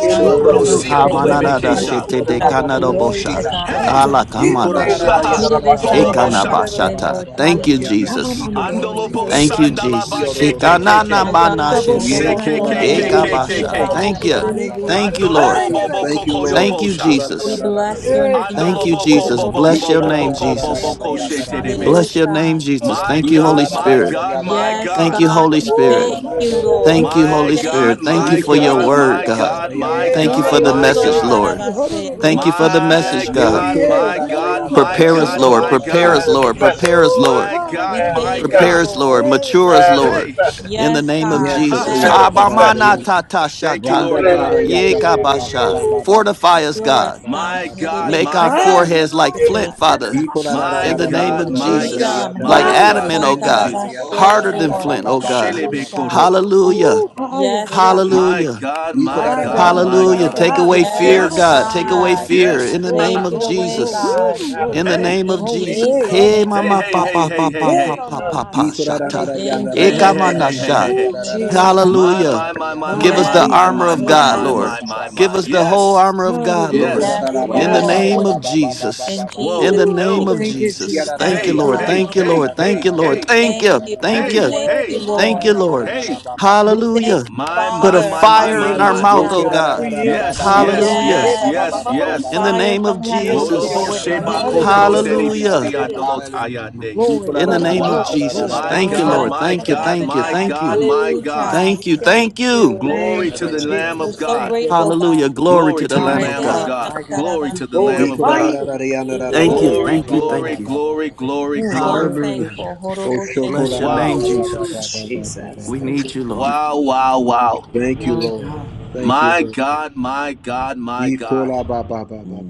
Elia
Woo.
Darabosia
rosia bolebeke
Amanada
Kirororororo
Bosuku,
shaba.
shete de
Rebaya
kanado
Glory to
bosha.
God.
Darayeska,
Hey,
Jesus.
Ala kamana
Celia
Kirororororo
shata.
haha,
sha.
Kirebe
Tadarabaya
holobo
Tarerere
Ekana
Rabaku,
kirororo.
Santarabase,
bashata.
Lord.
Thank you,
Hallelujah.
Ama ma
Jesus.
ma ma.
Glory.
Andolobo
Thank you,
Elia
Kirororororo sha.
sandalaba
Jesus.
Bosuya
ke ke ke
Shikanana
My
Darayareka,
mana
God.
Rabo
shete.
Yea,
Horobo
kora la la
sharararararere.
la la
Santarabase,
Shiba.
Ekabasha.
ba ba ba ba
Thank
Father.
ba
you.
ba
Tarerere
ba ba ba
ki.
ba.
Hallelujah.
Thank you,
Kandolo
Darabosu,
Lord.
Ay,
bobo boko
Thank you,
yarararoro
koyo
Lord.
Thank you,
Yea,
bosha.
shanderororo
kora la la
We
Jesus.
koya.
la la
Darabosu,
la la
bless
Elia.
ya
your
ta
Eh,
la
name,
la
God.
ay,
la.
Thank
Andolo
you,
boko
Jesus.
Horobo
bobo
Yea,
Bless your
yarararararara.
kora
bobo
la
name,
la la
boko
la la la
Santarabase,
bobo
Jesus.
ba
ko
ya
Lord.
ta
Jesus.
la
shete
la ba
debe.
ba
Jesus.
Bless your
ba.
Hallelujah.
name, Jesus.
My
Thank
Yea,
you, Holy
kora
God,
la la
Kirororororo.
my
la
Spirit.
la
God,
ya da la
my
la la
Yes,
la
Thank
God.
ya
you,
ta
God,
Holy
la
we
la la la
Woo,
Spirit.
thank
la
ha,
la
you,
ba
da,
ba
da,
ba
da,
Lord.
da,
Thank
da,
you,
We
da, da,
ba.
My
Holy
da, da,
thank
God,
Spirit.
da,
you.
Thank you
my
Yea,
Shanda,
for
We
da,
kora
da.
your
la
God,
thank
la la
you.
word,
my
la la la
God.
God,
la ya da
my
Yeah,
la la
Thank
la
you
ba ba ba
God,
for
thank
ba
the
you,
ba ba ba
my
God.
message,
Kuroboson
God.
Thank
Lord.
you. Ho,
ba ba
da,
tarabase,
da,
ba
da,
ba
da,
Thank
Lord.
you
da,
for
We
ba
the
Shanda.
My
thank
message,
Le
you.
God.
God,
Manifest,
kora
Yeah,
la
my
la
he, da,
la la
da,
God,
da,
ya
da,
ta la
da,
my
la
Prepare
la
us,
la
God,
Shanda,
la
da,
Lord.
la
my
la la la
Prepare
Kuroboson
he.
God.
us,
la
Lord.
ya ta
terebes.
Prepare
manifest,
la la
us,
la
Ooh,
Lord.
My
la la la la la la ya ta la la la ya
ha,
We
God,
yeah, yeah,
my
yeah,
thank you,
Prepare
yeah.
God.
manifest,
us, Lord.
Lord.
Yeah,
ta la
yeah,
la
da,
Mature us,
da,
la
da,
la.
da.
Lord.
Hey,
manifest,
In the
Yes,
name of
God.
manifest,
ha.
Jesus.
Yes,
Yes,
Lord, yes, Lord.
manifest.
Yes,
Thank you.
Thank you,
Abamanatatashata.
Randa
Lord
ra ra
God.
ra
Manifest.
ya ta la la ba ba
Yekabasha.
ba ba
Ooh,
ba ba ba
Fortify
Jesus.
us,
ba ba
sure
God.
us,
ba ba ba
God.
My
ba ba
God,
ba ba.
Make
my
our
Herebesan
My,
God.
yeah,
foreheads
da, da,
like
terebese.
flint,
Shanda, da, da,
Father.
ma,
Iko la
ti,
ra ra
se,
My
ra
In the
da,
ra ra ra
name
ko,
God,
ya.
of
ra ra ra
my
ra ra
Jesus.
God,
ya
Freedom.
ta ra
Like
my
ra
My,
ra ra
yeah,
ra
God.
adamant,
yeah, yeah.
oh
Horobosan
ya
Thank
Yes, da,
you,
ra ra ra
he,
God.
se,
Jesus.
ya ta
bo,
ra ra
tarabashe,
Harder
ra
Shanda,
than
ba
da, da,
ba
da,
Lord.
flint,
ba
ya.
oh
ba ba
God.
ba ba ba ba ba ba
Hallelujah.
Shelebekoro.
ba ba
Hallelujah.
Ooh,
ba ba ba
ha, yeah, da,
Yes,
da,
God.
My
Shanda.
Hallelujah.
God,
Iko
my
la
My
ra ra
God,
ra
God,
ra ra
my
ra
Hallelujah.
my
God.
ra ra
Take
ra
away
ya ta ra ra
fear,
Yes,
ra
God.
ra ra
God.
Yes.
Take
ya ra
away
ra ra
God.
ya
fear
ra
Yes.
in the
ra ra ra
Glory,
ra
name
Take
of
it
ra ra ra
glory,
away,
glory,
ra
Jesus.
ra ra
God.
glory,
Woo!
ra
glory,
In the
glory,
Hey.
name of
In
glory.
Jesus.
this
Jesus'
Hey, yeah,
God.
now,
Hey,
name,
Hey,
yes,
mama,
hey,
yes.
hey,
papa,
hey, hey,
papa,
Then
papa,
hey.
on the
papa,
mercy,
Iko la ra
Manifest.
ra
take
ra
shata.
ya
care.
In
la ra
Hey,
ra ra
hey,
Jesus'
hey,
ya ra
hey,
ra
hey,
ra
Ekamanasha.
hey,
name,
ya
hey.
Ooh,
ra ra
Jesus,
ra ra
hallelujah.
My,
Hallelujah.
my, my,
ya
my,
ta ra
my,
Give
my
ra
us
my,
ra
the
ra
Yes,
my,
ya
armor
ta ra ra ra ra ya ta
Jesus,
my,
God,
of
ra
my,
ra ra
yes,
God,
my,
Lord, Lord,
yes,
my,
Lord.
my,
Lord.
ba ba
Give
my.
ba
us
ba
the
ba ba.
whole
Yes.
armor of God,
hallelujah.
Lord.
Yes.
Have
yes,
your way,
In the
have
Yes.
your
Lord.
way.
name of Jesus.
In
In
Jesus,
Whoa.
the
Ooh,
name
Hello.
of
thank you, Jesus.
Jesus.
Have
Thank
yes,
you,
Hey,
Your
Lord.
way,
God.
hey,
Lord.
Thank you,
hey,
Lord. Thank
hey,
you,
We
Lord.
hey,
Thank
thank
you.
you,
Have
Thank
we
you.
hey,
your
thank
way,
you,
hey,
Thank
hallelujah.
you,
Lord.
Lord.
hey.
We thank
Hallelujah.
you,
My,
Put
my,
a
Father,
my, my,
We
fire
my,
in
yield
our
to
my.
mouth,
your
hallelujah.
oh
will.
God.
We yield to
Yes,
your
yes,
will.
Hallelujah.
Yeah,
yes,
my, my, my,
yes,
Yes,
my, my.
yes.
In the
fire
name of
from
We
heaven,
yield to your
Olobo
Lord,
Jesus.
way.
hallelujah.
Shebako
Hallelujah.
Prondeli Misti
Hallelujah.
Andolo Tayande.
Glory,
In the
glory,
name of
Wow.
glory,
Jesus.
glory.
My
Thank
My
you,
God,
Fire
God,
Lord.
my
my
Thank
from
you.
God.
God,
Thank
heaven,
you.
my
God,
Thank
God,
you.
my
Jesus.
God.
hallelujah. We
Thank you.
thank
Thank you.
you.
Glory
Thank
to
you,
the
Jesus.
Lamb
We're
of
Hallelujah.
so
God.
Thank you,
grateful,
God.
God.
Hallelujah. Glory
Glory
to
to
the
the
Lamb
My
of
Lamb of
God.
God,
God.
my God.
Glory
We
to the Lamb
Thank
of
you,
glorify
God.
you. We
Thank you.
Glory,
glorify
Thank you.
you,
glory,
Thank
Lord.
you.
glory, glory,
Mm,
So
glory.
mm.
Hallelujah.
thankful.
Bless your
Wow.
name,
Ooh,
Jesus.
Jesus.
We
Thank you,
need you, Lord.
Wow, wow, wow.
my
Lord.
God.
Thank you,
My
Manifest.
Lord.
God, my God, my God.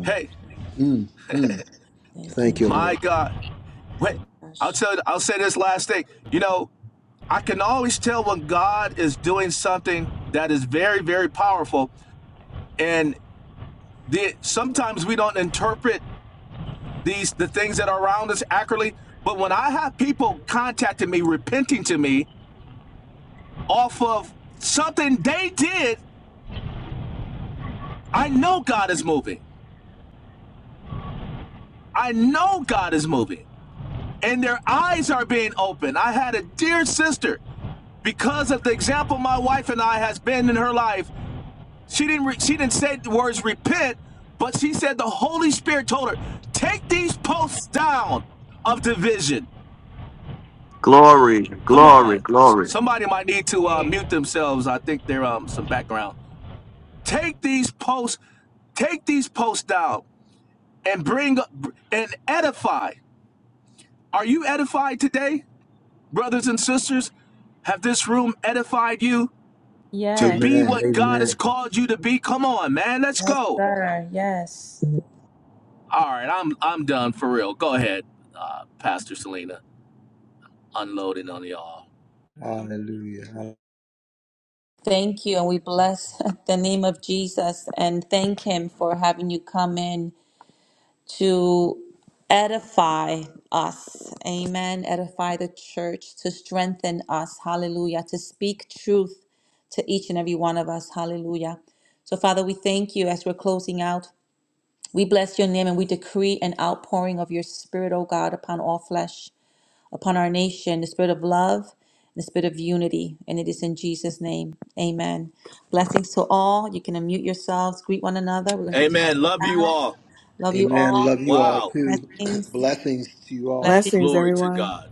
Hey,
Mm, mm.
Thank you,
Thank you,
my
Lord.
God. Wait, I'll
Jesus.
tell you, I'll say this last thing. You know, I can always tell when God is doing something that is very, very powerful. And the, sometimes we don't interpret these the things that are around us accurately. But when I have people contacting me, repenting to me off of something they did, I know God is moving. I know God is moving. And their eyes are being opened. I had a dear sister because of the example my wife and I has been in her life. She didn't re- she didn't say the words repent, but she said the Holy Spirit told her, "Take these posts down of division."
Glory.
Come
Glory.
on.
Glory.
Somebody might need to uh, mute themselves. I think there um some background. Take these posts take these posts down and bring up and edify. Are you edified today, brothers and sisters? Have this room edified you to
Yes.
be
Amen.
what God has
Amen.
called you to be? Come on, man. Let's
Yes,
go.
sir. Yes.
All right, I'm I'm done for real. Go ahead, uh, Pastor Selena, unloading on y'all.
Hallelujah.
Thank you, and we bless the name of Jesus and thank Him for having you come in to edify us. Amen. Edify the church, to strengthen us. Hallelujah. To speak truth to each and every one of us. Hallelujah. So, Father, we thank you as we're closing out. We bless your name and we decree an outpouring of your spirit, O God, upon all flesh. upon our nation, the spirit of love, the spirit of unity. And it is in Jesus' name. Amen. Blessings to all. You can unmute yourselves, greet one another. We're going to be closing
Amen. Love you
out.
all.
Love you
Amen.
all.
Love you all
Wow.
too.
Blessings.
Blessings to you all.
Blessings.
Blessings,
Glory to
everyone.
God.